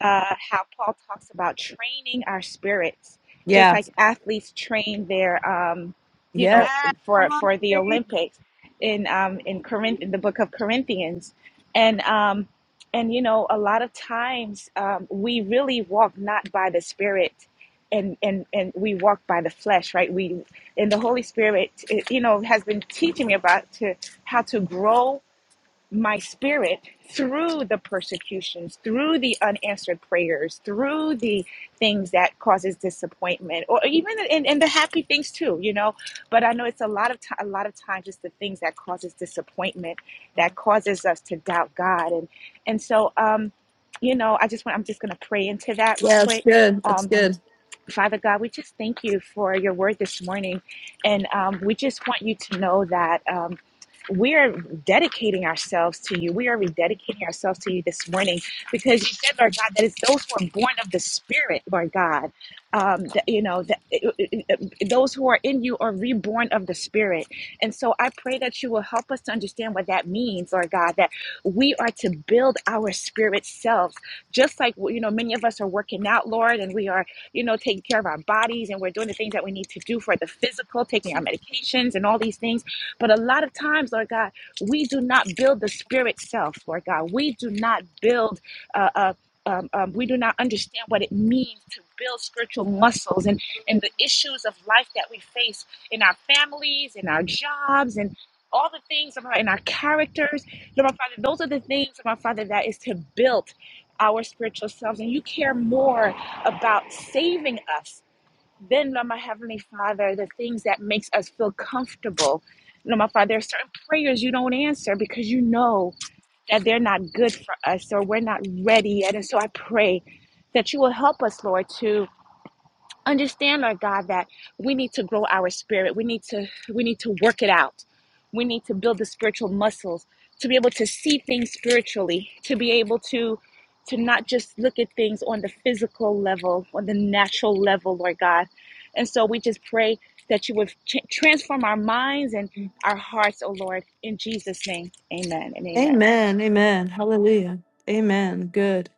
Speaker 4: uh, how Paul talks about training our spirits, just
Speaker 1: Yeah.
Speaker 4: like athletes train their, um, you
Speaker 1: Yep.
Speaker 4: know,
Speaker 3: Come
Speaker 4: for
Speaker 3: on,
Speaker 4: for the
Speaker 3: please.
Speaker 4: Olympics in um, in Corinth in the book of Corinthians, and um, and you know, a lot of times um, we really walk not by the Spirit. And, and and we walk by the flesh, right? We and the Holy Spirit, it, you know, has been teaching me about to how to grow my spirit through the persecutions through the unanswered prayers through the things that causes disappointment or even in, in the happy things too you know but i know it's a lot of ti a lot of times it's the things that causes disappointment that causes us to doubt god and and so um you know i just want i'm just going to pray into that real
Speaker 1: Yeah, that's
Speaker 4: quick
Speaker 1: good.
Speaker 4: Um,
Speaker 1: That's good.
Speaker 4: Father God, we just thank you for your word this morning. And um, we just want you to know that um, we are dedicating ourselves to you. We are rededicating ourselves to you this morning because you said, Lord God, that it's those who are born of the Spirit, Lord God. Um, that, you know, that, those who are in you are reborn of the Spirit. And so I pray that you will help us to understand what that means, Lord God, that we are to build our spirit selves, just like, you know, many of us are working out, Lord, and we are you know, taking care of our bodies and we're doing the things that we need to do for the physical, taking our medications and all these things. But a lot of times, Lord God, we do not build the spirit self, Lord God. We do not build uh, uh, um, um, we do not understand what it means to build spiritual muscles and, and the issues of life that we face in our families, in our jobs, and all the things about in our characters. Lord, my Father, those are the things, Lord, my Father, that is to build our spiritual selves. And you care more about saving us, then, Lord, my Heavenly Father, the things that makes us feel comfortable. Lord, my Father, there are certain prayers you don't answer because you know that they're not good for us or we're not ready yet. And so I pray that you will help us, Lord, to understand lord god that we need to grow our spirit we need to we need to work it out we need to build the spiritual muscles to be able to see things spiritually to be able to to not just look at things on the physical level on the natural level lord god and so we just pray that you would ch- transform our minds and our hearts oh lord in jesus name amen and amen
Speaker 1: Amen. Amen. Hallelujah. Amen. Good.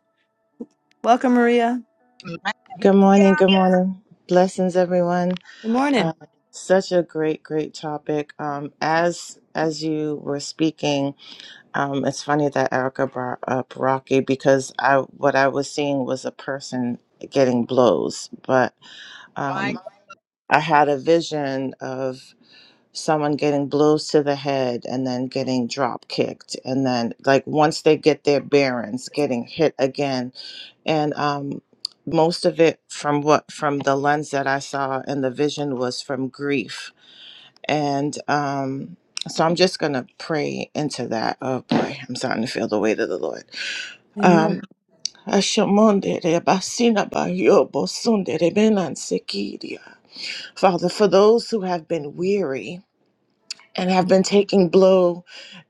Speaker 1: Welcome, Maria.
Speaker 3: My
Speaker 5: Good morning.
Speaker 3: God.
Speaker 5: Good morning. Blessings, everyone.
Speaker 1: Good
Speaker 5: Uh,
Speaker 1: morning.
Speaker 5: such a great, great topic. Um, as as you were speaking, um, it's funny that Erica brought up Rocky because I what I was seeing was a person getting blows, but
Speaker 3: My
Speaker 5: um,
Speaker 3: God.
Speaker 5: I had a vision of someone getting blows to the head and then getting drop kicked and then like once they get their bearings getting hit again and um, most of it from what from the lens that I saw and the vision was from grief, and um, so I'm just gonna pray into that. Oh boy, I'm starting to feel the weight of the Lord.
Speaker 1: Amen.
Speaker 5: Um, Ashamondere basina bayo bosunde rebenan sekiria. Father, for those who have been weary and have been taking blow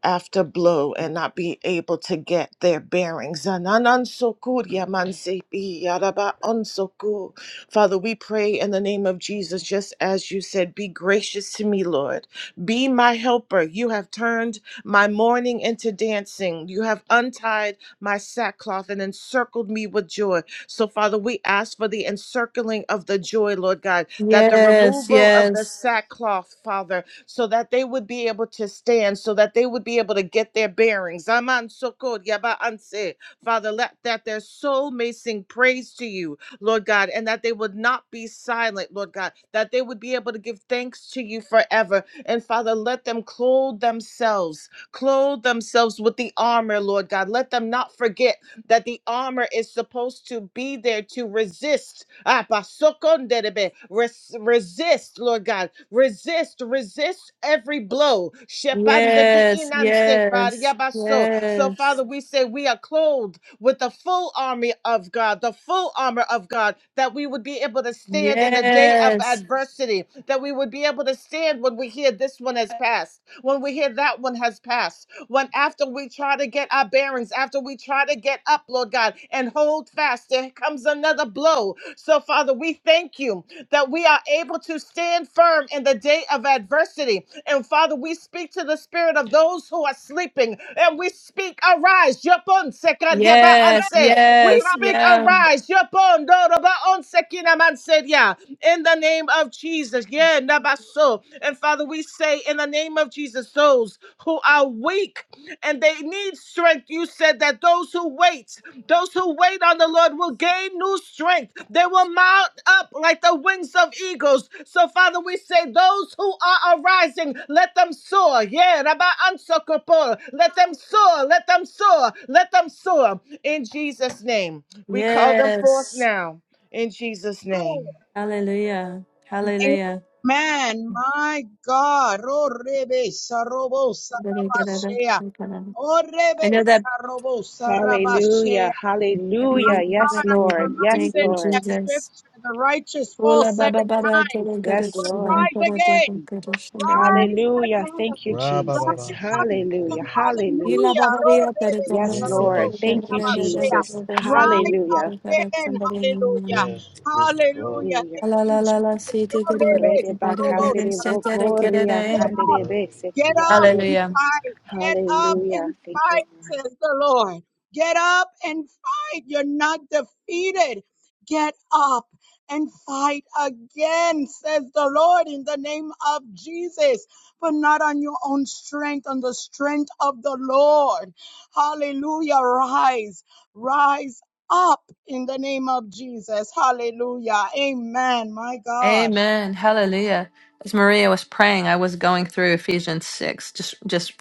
Speaker 5: after blow and not be able to get their bearings. Zananansoku, yamansepi, yarabaonsoku. Father, we pray in the name of Jesus, just as you said, be gracious to me, Lord. Be my helper. You have turned my mourning into dancing. You have untied my sackcloth and encircled me with joy. So, Father, we ask for the encircling of the joy, Lord God, that the
Speaker 1: Yes,
Speaker 5: removal of the
Speaker 1: yes,
Speaker 5: sackcloth, Father, so that they would be able to stand, so that they would be able to get their bearings. Aman sokod yaba anse. Father, let that their soul may sing praise to you, Lord God, and that they would not be silent, Lord God, that they would be able to give thanks to you forever. And Father, let them clothe themselves, clothe themselves with the armor, Lord God. Let them not forget that the armor is supposed to be there to resist. Ah, pasokonderebe, res- Resist, Lord God. Resist, resist every blow. Shepandeki
Speaker 1: yes,
Speaker 5: inanse
Speaker 1: yes,
Speaker 5: pariabaso. So, Father,
Speaker 1: yes,
Speaker 5: we say we are clothed with the full army of God, the full armor of God, that we would be able to stand in the day of
Speaker 1: yes,
Speaker 5: adversity, that we would be able to stand when we hear this one has passed, when we hear that one has passed when after we try to get our bearings, after we try to get up, Lord God, and hold fast, there comes another blow. So, Father, we thank you that we are able to stand firm in the day of adversity. And, Father, we speak to the spirit of those who are sleeping and we speak, arise. Yopon sekar yaba
Speaker 1: yes,
Speaker 5: anse. We
Speaker 1: yes,
Speaker 5: speak,
Speaker 1: yeah,
Speaker 5: arise. Yopon doroba on sekina manse in the name of Jesus. Yeah, Nabaso. And Father, we say in the name of Jesus, those who are weak and they need strength, you said that those who wait, those who wait on the Lord will gain new strength. They will mount up like the wings of eagles. So, Father, we say, those who are arising, let them soar. Yeah, Rabba Ansokopo. Let them soar. Let them soar. Let them soar. In Jesus' name. We call them forth
Speaker 1: yes.
Speaker 5: now. In Jesus' name.
Speaker 1: Hallelujah. Hallelujah.
Speaker 3: Amen. My God. Oh, Rebe Sarobo
Speaker 1: I
Speaker 3: Sarabashea. Oh, Rebe
Speaker 1: know that.
Speaker 3: Sarobo
Speaker 4: hallelujah
Speaker 3: My
Speaker 4: hallelujah yes
Speaker 3: God, I'm
Speaker 4: lord
Speaker 1: Hallelujah.
Speaker 4: yes
Speaker 1: Thank
Speaker 3: reminded
Speaker 1: you,
Speaker 3: of
Speaker 4: lord
Speaker 3: that
Speaker 1: Jesus.
Speaker 3: scripture the righteous fall
Speaker 1: Ola baba
Speaker 3: seven
Speaker 1: bara
Speaker 3: times,
Speaker 1: tere gara
Speaker 4: yes
Speaker 3: but
Speaker 1: shambara
Speaker 4: lord
Speaker 3: rise
Speaker 1: gara tere
Speaker 3: again.
Speaker 1: gara shambara.
Speaker 3: Rise
Speaker 4: Hallelujah. Thank you,
Speaker 3: again.
Speaker 2: Ra ba ba
Speaker 3: Rise
Speaker 4: Jesus.
Speaker 2: ba, si te te re
Speaker 3: again.
Speaker 4: Hallelujah.
Speaker 2: ba sa.
Speaker 4: Hallelujah.
Speaker 1: Ila
Speaker 3: Hallelujah.
Speaker 1: baba ria tere
Speaker 3: Roreres,
Speaker 4: Yes,
Speaker 1: gara si
Speaker 4: Lord.
Speaker 2: Remini
Speaker 1: tere
Speaker 3: roros,
Speaker 1: gara
Speaker 4: Thank you,
Speaker 2: shiti
Speaker 1: gara gara
Speaker 3: abashea.
Speaker 1: gara
Speaker 4: Jesus.
Speaker 2: kiribasa
Speaker 1: gara
Speaker 2: kororo.
Speaker 1: shambara
Speaker 3: Rise
Speaker 4: Hallelujah.
Speaker 1: gara gara
Speaker 3: again.
Speaker 1: shambara na na
Speaker 3: Hallelujah.
Speaker 1: na.
Speaker 2: Yes, we give you glory.
Speaker 3: Hallelujah.
Speaker 4: Hallelujah.
Speaker 3: Thank
Speaker 1: La
Speaker 3: you,
Speaker 1: la la la
Speaker 3: Jesus.
Speaker 1: si tere gara
Speaker 3: Roreres,
Speaker 4: Rede ba
Speaker 1: gara
Speaker 3: robos,
Speaker 1: gara
Speaker 4: kandere
Speaker 1: si
Speaker 4: bo
Speaker 1: tere
Speaker 3: arabashea.
Speaker 1: gara
Speaker 4: koria
Speaker 2: We give
Speaker 1: gara.
Speaker 2: you
Speaker 4: kandere
Speaker 2: glory.
Speaker 4: be
Speaker 2: We give
Speaker 3: Get
Speaker 2: you
Speaker 4: seki
Speaker 3: up
Speaker 2: glory.
Speaker 4: andere
Speaker 3: and
Speaker 4: bo.
Speaker 1: Hallelujah.
Speaker 3: fight. Get up
Speaker 4: Hallelujah.
Speaker 3: and
Speaker 4: Thank
Speaker 3: fight,
Speaker 4: you, Lord.
Speaker 3: says the Lord. Get up and fight. You're not defeated. Get up and fight again, says the Lord, in the name of Jesus, but not on your own strength, on the strength of the Lord. Hallelujah. Rise, rise up in the name of Jesus. Hallelujah. Amen. My God.
Speaker 1: Amen. Hallelujah. As Maria was praying, I was going through Ephesians 6, just just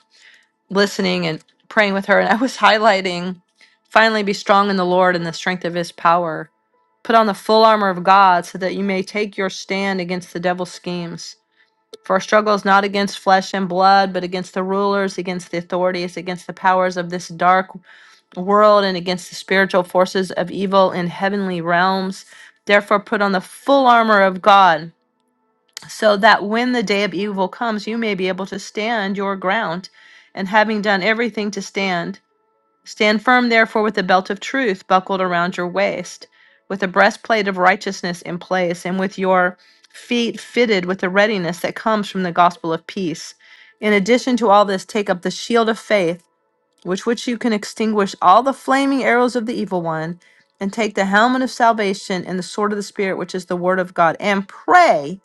Speaker 1: listening and praying with her, and I was highlighting finally be strong in the Lord and the strength of his power. Put on the full armor of God so that you may take your stand against the devil's schemes. For our struggle is not against flesh and blood, but against the rulers, against the authorities, against the powers of this dark world, and against the spiritual forces of evil in heavenly realms. Therefore, put on the full armor of God so that when the day of evil comes, you may be able to stand your ground, and having done everything to stand, stand firm, therefore, with the belt of truth buckled around your waist, with the breastplate of righteousness in place, and with your feet fitted with the readiness that comes from the gospel of peace. In addition to all this, take up the shield of faith, with which you can extinguish all the flaming arrows of the evil one, and take the helmet of salvation and the sword of the Spirit, which is the word of God, and pray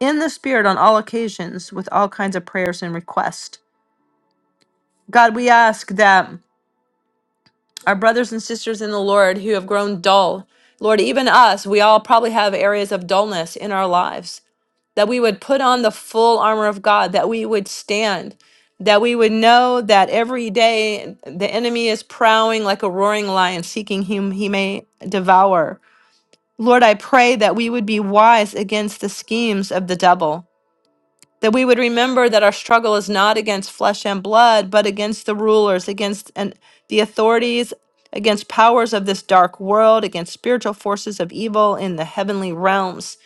Speaker 1: in the Spirit on all occasions with all kinds of prayers and requests. God, we ask that our brothers and sisters in the Lord who have grown dull, Lord, even us, we all probably have areas of dullness in our lives, that we would put on the full armor of God, that we would stand, that we would know that every day the enemy is prowling like a roaring lion, seeking whom he may devour. Lord, I pray that we would be wise against the schemes of the devil that we would remember that our struggle is not against flesh and blood, but against the rulers, against and the authorities, against powers of this dark world, against spiritual forces of evil in the heavenly realms.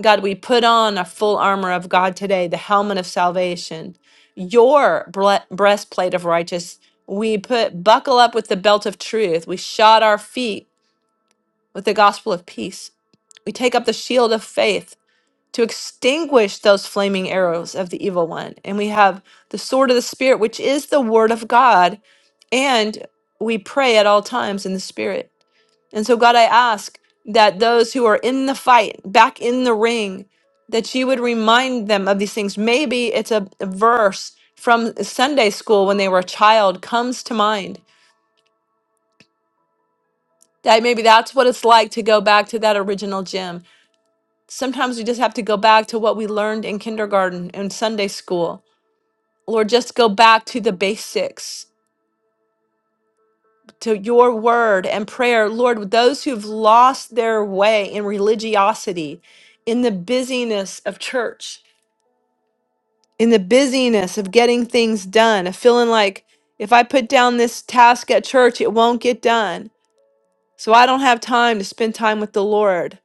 Speaker 1: God, we put on a full armor of God today, the helmet of salvation, your bre- breastplate of righteousness. We put buckle up with the belt of truth. We shod our feet with the gospel of peace. We take up the shield of faith to extinguish those flaming arrows of the evil one. And we have the sword of the Spirit, which is the word of God. And we pray at all times in the Spirit. And so, God, I ask that those who are in the fight, back in the ring, that you would remind them of these things. Maybe it's a a verse from Sunday school when they were a child comes to mind. That maybe that's what it's like to go back to that original gym. Sometimes we just have to go back to what we learned in kindergarten and Sunday school Lord, just go back to the basics, to your word and prayer. Lord, those who've lost their way in religiosity, in the busyness of church, in the busyness of getting things done, of feeling like if I put down this task at church, it won't get done. So I don't have time to spend time with the Lord.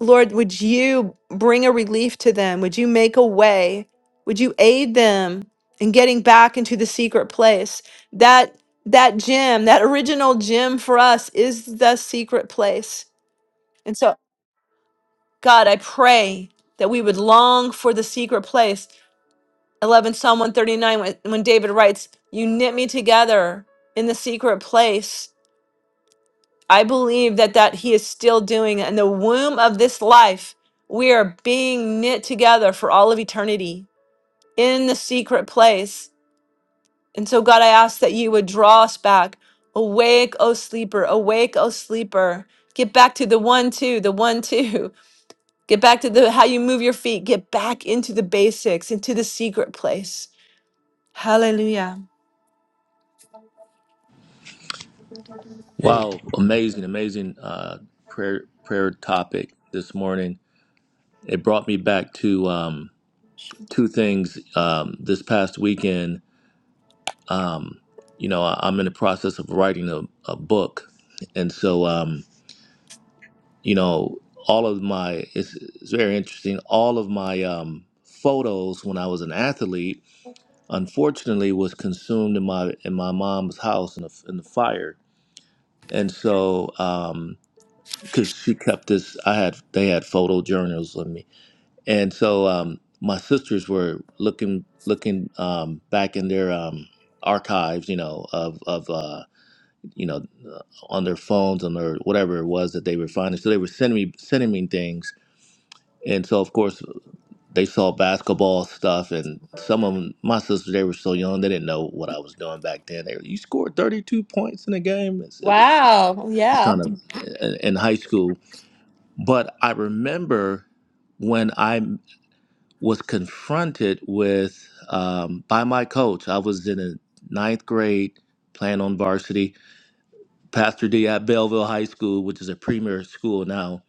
Speaker 1: Lord, would you bring a relief to them? Would you make a way? Would you aid them in getting back into the secret place? That that gym, that original gym for us is the secret place. And so, God, I pray that we would long for the secret place. 11 Psalm 139 when, when David writes, "You knit me together in the secret place." I believe that that he is still doing it. in the womb of this life. We are being knit together for all of eternity in the secret place. And so God, I ask that you would draw us back. Awake, O sleeper, awake, O sleeper. Get back to the one two, the one two. Get back to the how you move your feet. Get back into the basics, into the secret place. Hallelujah.
Speaker 6: Wow, amazing, amazing uh, prayer prayer topic this morning. It brought me back to um, two things. Um, this past weekend, you know, I, I'm in the process of writing a, a book, and so um, you know, all of my it's, it's very interesting. All of my um, photos when I was an athlete, unfortunately, was consumed in my in my mom's house in the, in the fire, and so. Um, because she kept this. I had they had photo journals of me, and so um, my sisters were looking looking um, back in their um, archives, you know, of of uh, you know, uh, on their phones and their whatever it was that they were finding. So they were sending me sending me things, and so of course they saw basketball stuff, and some of 'em- my sisters they were so young they didn't know what I was doing back then. They were, you scored thirty two points in a game. It's, it was it
Speaker 1: Wow.
Speaker 6: was
Speaker 1: Yeah.
Speaker 6: kind of in in high school but I remember when I m- was confronted with um, by my coach. I was in a ninth grade, playing on varsity. Pastor D at Belleville High School, which is a premier school now.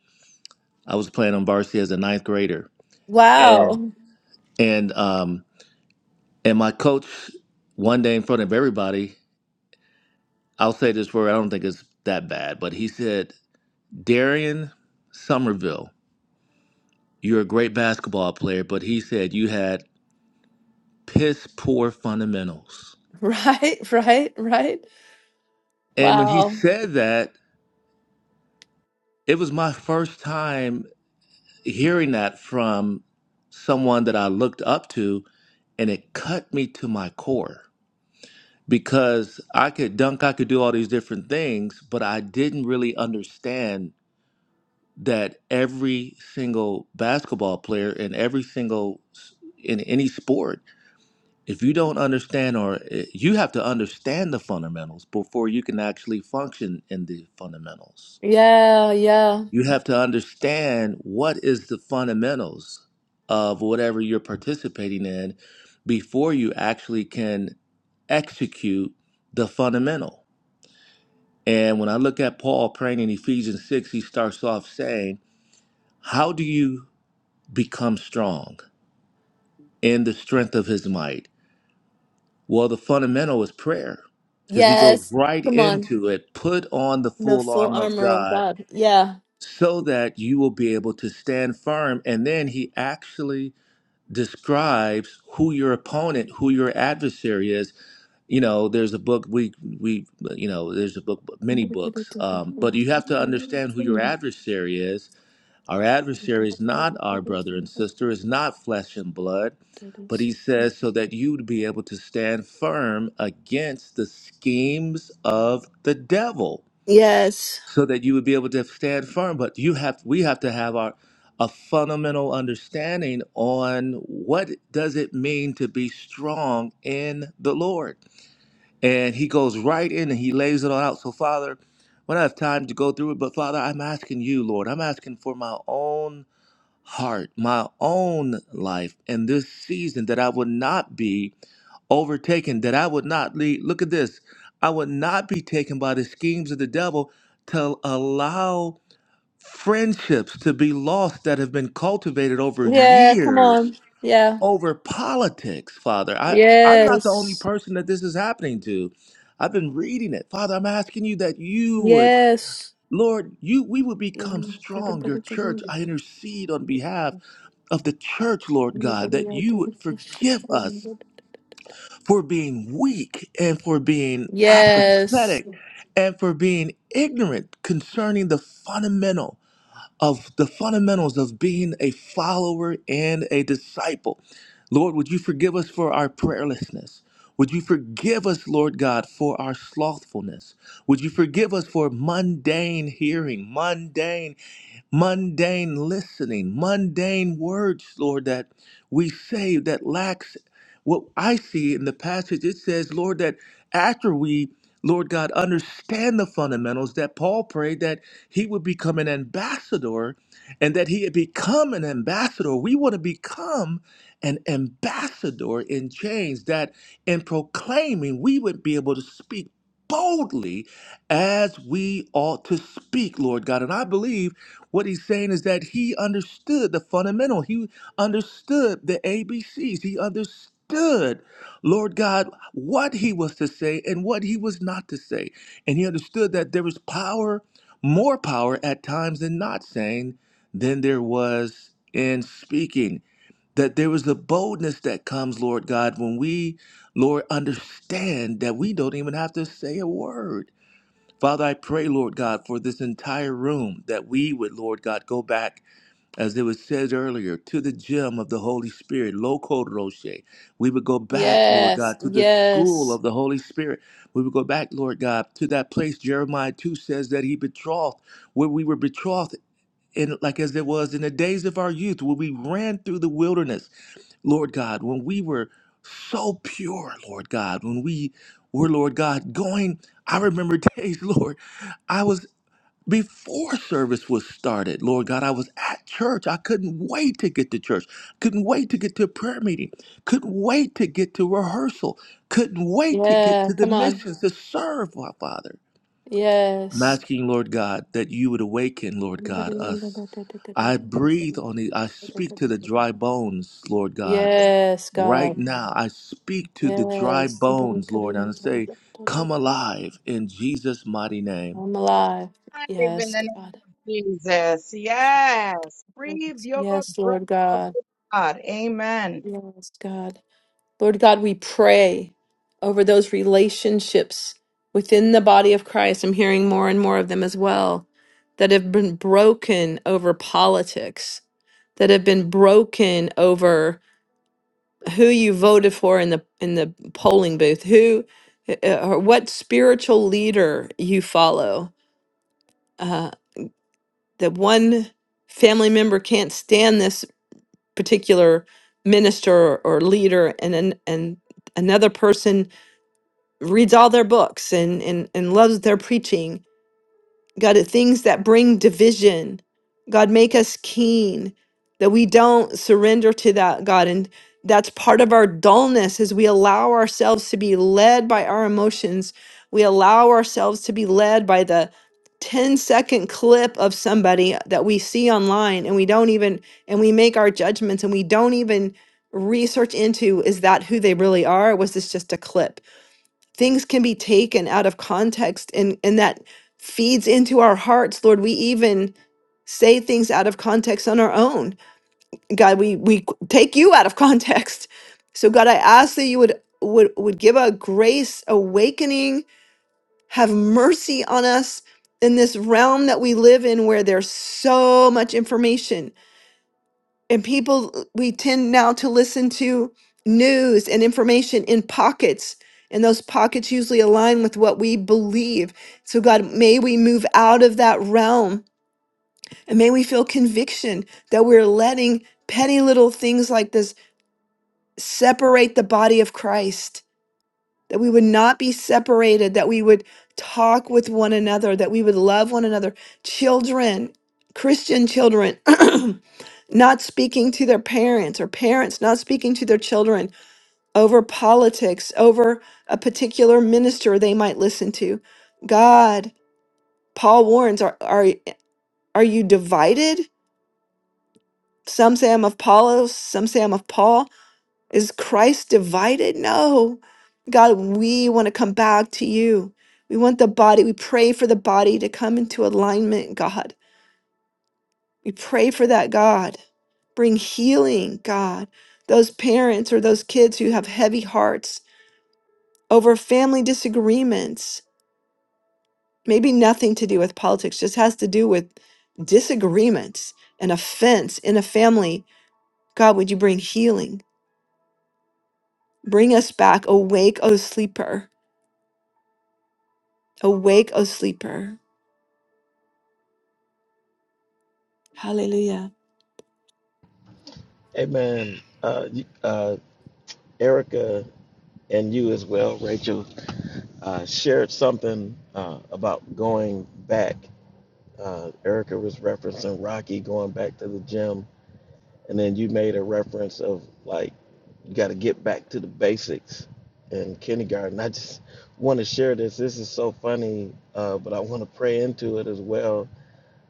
Speaker 6: I was playing on varsity as a ninth grader, and
Speaker 1: Wow.
Speaker 6: and um, and my coach one day in front of everybody. I'll say this word. I don't think it's that bad, but he said, "Darian Somerville, you're a great basketball player," but he said you had piss poor fundamentals.
Speaker 1: Right, right, right.
Speaker 6: And when he
Speaker 1: Wow.
Speaker 6: said that, it was my first time hearing that from someone that I looked up to, and it cut me to my core because I could dunk, I could do all these different things, but I didn't really understand that every single basketball player and every single in any sport if you don't understand or eh, you have to understand the fundamentals before you can actually function in the fundamentals
Speaker 1: Yeah, yeah.
Speaker 6: you have to understand what is the fundamentals of whatever you're participating in before you actually can execute the fundamental and when i look at paul praying in ephesians 6 he starts off saying how do you become strong in the strength of his might Well, the fundamental is prayer because he goes
Speaker 1: Yes.
Speaker 6: right
Speaker 1: Come on.
Speaker 6: into it. Put on the
Speaker 1: The
Speaker 6: full
Speaker 1: full
Speaker 6: armor of
Speaker 1: armor of
Speaker 6: God
Speaker 1: God. Yeah.
Speaker 6: so that you will be able to stand firm. And then he actually describes who your opponent, who your adversary is. You know, there's a book we we you know, there's a book many books. Um, but you have to understand who your adversary is our adversary is not our brother and sister, is not flesh and blood, but he says, so that you would be able to stand firm against the schemes of the devil,
Speaker 1: Yes.
Speaker 6: so that you would be able to stand firm. But you have, we have to have our a fundamental understanding on what does it mean to be strong in the Lord. And he goes right in and he lays it all out. So, Father, we don't have time to go through it, but Father, I'm asking you, Lord, I'm asking for my own heart, my own life in this season, that I would not be overtaken, that I would not lead. Look at this. I would not be taken by the schemes of the devil to allow friendships to be lost that have been cultivated over
Speaker 1: Yeah, come
Speaker 6: years,
Speaker 1: on. Yeah.
Speaker 6: over politics, Father. I, I'm not the only
Speaker 1: Yes.
Speaker 6: person that this is happening to. I've been reading it. Father, I'm asking you that you would,
Speaker 1: Yes. Yes.
Speaker 6: Lord, you we would become strong, your church.
Speaker 1: Yes.
Speaker 6: I intercede on behalf of the church, Lord God, that you would forgive us for being weak and for being apathetic and for being ignorant concerning the fundamental of the fundamentals of being a follower and a disciple. Lord, would you forgive us for our prayerlessness? Would you forgive us, Lord God, for our slothfulness? Would you forgive us for mundane hearing, mundane mundane listening, mundane words, Lord, that we say that lacks what I see in the passage. It says, Lord, that after we, Lord God, understand the fundamentals, that Paul prayed that he would become an ambassador and that he had become an ambassador. We want to become an ambassador in chains, that in proclaiming, we would be able to speak boldly as we ought to speak, Lord God. And I believe what he's saying is that he understood the fundamental. He understood the A B C's. He understood, Lord God, what he was to say and what he was not to say. And he understood that there was power, more power at times in not saying than there was in speaking. That there was the boldness that comes, Lord God, when we, Lord, understand that we don't even have to say a word Father, I pray, Lord God, for this entire room that we would, Lord God, go back, as it was said earlier, to the gem of the Holy Spirit, Loco Roche. We would go back, Lord God, to the school
Speaker 1: Yes.
Speaker 6: of the Holy Spirit. We would go back, Lord God, to that place Jeremiah 2 says that he betrothed, where we were betrothed. In, like as it was in the days of our youth when we ran through the wilderness lord god when we were so pure lord god when we were lord god going i remember days lord I was before service was started, Lord God, I was at church. I couldn't wait to get to church. Couldn't wait to get to a prayer meeting. Couldn't wait to get to rehearsal. Couldn't wait to get
Speaker 1: Yeah,
Speaker 6: to the
Speaker 1: come on.
Speaker 6: missions to serve my Father. I'm
Speaker 1: Yes.
Speaker 6: asking, Lord God, that you would awaken, Lord God, us. I breathe on the, I speak to the dry bones, Lord God.
Speaker 1: Yes,
Speaker 6: Right
Speaker 1: God.
Speaker 6: now, I speak to the dry
Speaker 1: Yes. I'm
Speaker 6: bones, Lord, and I say, come alive in Jesus' mighty name.
Speaker 1: alive.
Speaker 3: alive in
Speaker 1: Yes,
Speaker 3: the name
Speaker 1: God.
Speaker 3: of Jesus. Yes. Breathe your
Speaker 1: Yes,
Speaker 3: breath,
Speaker 1: Lord
Speaker 3: oh
Speaker 1: God.
Speaker 3: God. Amen.
Speaker 1: Yes, God. Lord God, we pray over those relationships within the body of Christ. I'm hearing more and more of them as well that have been broken over politics, that have been broken over. who you voted for in the in the polling booth, who uh, uh, or what spiritual leader you follow. Uh, that one family member can't stand this particular minister or leader, and and, and another person reads all their books and, and and loves their preaching God, the things that bring division. God, make us keen that we don't surrender to that, God. And that's part of our dullness is we allow ourselves to be led by our emotions. We allow ourselves to be led by the ten-second clip of somebody that we see online and we don't even, and we make our judgments and we don't even research into is that who they really are? Or was this just a clip? things can be taken out of context and and that feeds into our hearts lord we even say things out of context on our own god we we take you out of context so god i ask that you would would would give a grace awakening have mercy on us in this realm that we live in where there's so much information and people we tend now to listen to news and information in pockets and those pockets usually align with what we believe so god may we move out of that realm and may we feel conviction that we're letting petty little things like this separate the body of christ that we would not be separated that we would talk with one another that we would love one another children christian children not speaking to their parents or parents not speaking to their children over politics, over a particular minister they might listen to. God, Paul warns, are, are, are you divided? Some say I'm of Apollos, some say I'm of Paul. Is Christ divided? No. God, we want to come back to you. We want the body, we pray for the body to come into alignment, God. We pray for that, God. Bring healing, God. Those parents or those kids who have heavy hearts over family disagreements, maybe nothing to do with politics, just has to do with disagreements and offense in a family. God, would you bring healing? Bring us back. Awake, O sleeper. Awake, O sleeper. Hallelujah.
Speaker 2: Amen. Uh, you- uh, Erica and you as well, Rachel, uh, shared something uh, about going back. Uh, Erica was referencing Rocky going back to the gym, and then you made a reference of like you got to get back to the basics in kindergarten. I just want to share this. This is so funny, uh, but I want to pray into it as well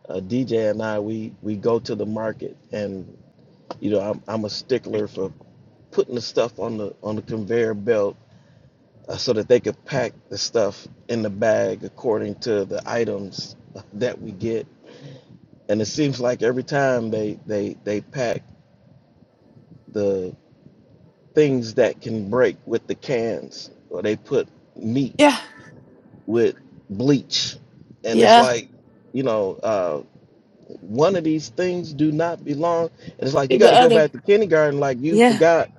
Speaker 2: uh, DJ and I, we we go to the market, and you know, I'm I'm a stickler for putting the stuff on the on the conveyor belt uh, so that they could pack the stuff in the bag according to the items that we get. And it seems like every time they they they pack the things that can break with the cans, or they put meat
Speaker 1: Yeah.
Speaker 2: with bleach, and it's
Speaker 1: Yeah.
Speaker 2: like, you know. Uh, one of these things do not belong. And it's like you
Speaker 1: Do
Speaker 2: got
Speaker 1: The
Speaker 2: to go
Speaker 1: other.
Speaker 2: back to kindergarten, like you
Speaker 1: Yeah.
Speaker 2: forgot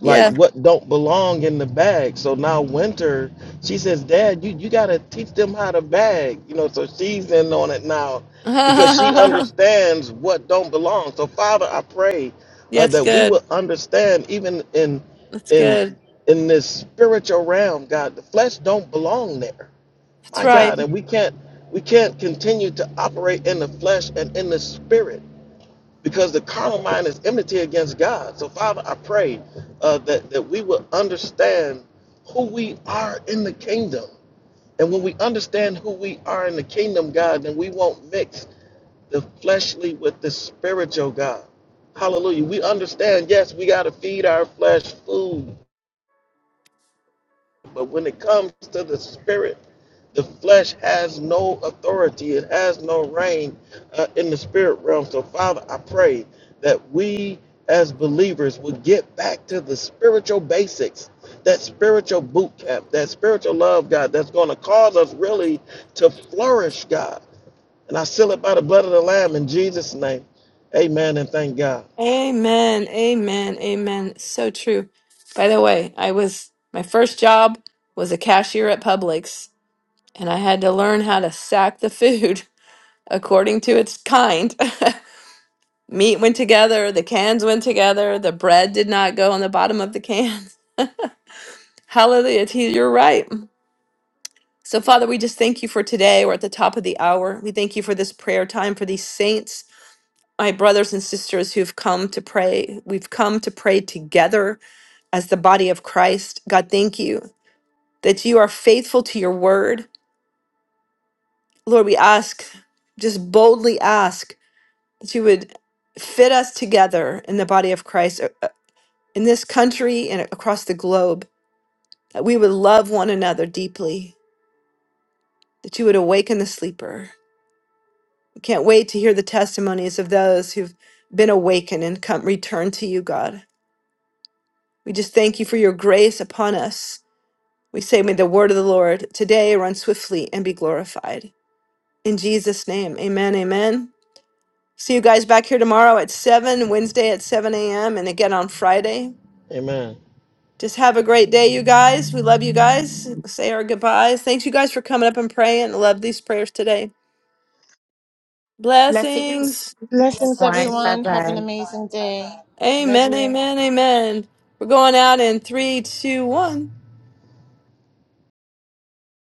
Speaker 2: like
Speaker 1: Yeah.
Speaker 2: what don't belong in the bag. So now winter, she says, Dad, you, you gotta teach them how to bag. You know, so she's in on it now because she understands what don't belong. So Father, I pray uh,
Speaker 1: That's
Speaker 2: that we
Speaker 1: good.
Speaker 2: will understand even in
Speaker 1: That's
Speaker 2: in
Speaker 1: good.
Speaker 2: in this spiritual realm, God, the flesh don't belong there
Speaker 1: That's
Speaker 2: my
Speaker 1: right.
Speaker 2: God, and we can't we can't continue to operate in the flesh and in the spirit because the carnal mind is enmity against God. So Father, I pray uh, that that we will understand who we are in the kingdom, and when we understand who we are in the kingdom, God, then we won't mix the fleshly with the spiritual, God. Hallelujah. We understand. Yes, we got to feed our flesh food But when it comes to the spirit, the flesh has no authority, it has no reign uh, in the spirit realm. So, Father, I pray that we as believers would get back to the spiritual basics, that spiritual boot camp, that spiritual love, God, that's going to cause us really to flourish, God. And I seal it by the blood of the Lamb in Jesus' name. Amen and thank God.
Speaker 1: Amen. Amen. Amen. So true. By the way, I was my first job was a cashier at Publix, and I had to learn how to sack the food according to its kind. Meat went together, the cans went together, the bread did not go on the bottom of the cans. Hallelujah. T, You're right. So, Father, we just thank you for today. We're at the top of the hour. We thank you for this prayer time for these saints, my brothers and sisters who've come to pray. We've come to pray together as the body of Christ. God, thank you that you are faithful to your word. Lord, we ask, just boldly ask, that you would fit us together in the body of Christ, uh, uh, in this country and across the globe, that we would love one another deeply, that you would awaken the sleeper. We can't wait to hear the testimonies of those who've been awakened and come return to you, God. We just thank you for your grace upon us. We say, may the word of the Lord today run swiftly and be glorified. In Jesus' name, amen, amen. See you guys back here tomorrow at 7, Wednesday at 7 a.m., and again on Friday.
Speaker 2: Amen.
Speaker 1: Just have a great day, you guys. We love you guys. Say our goodbyes. Thanks, you guys, for coming up and praying. I love these prayers today.
Speaker 4: Blessings,
Speaker 1: Blessings.
Speaker 5: Blessings,
Speaker 4: everyone. Bye
Speaker 5: everyone. Have an
Speaker 4: bye.
Speaker 5: amazing day. Love
Speaker 1: Amen,
Speaker 5: you.
Speaker 1: amen, amen. We're going out in three, two, one.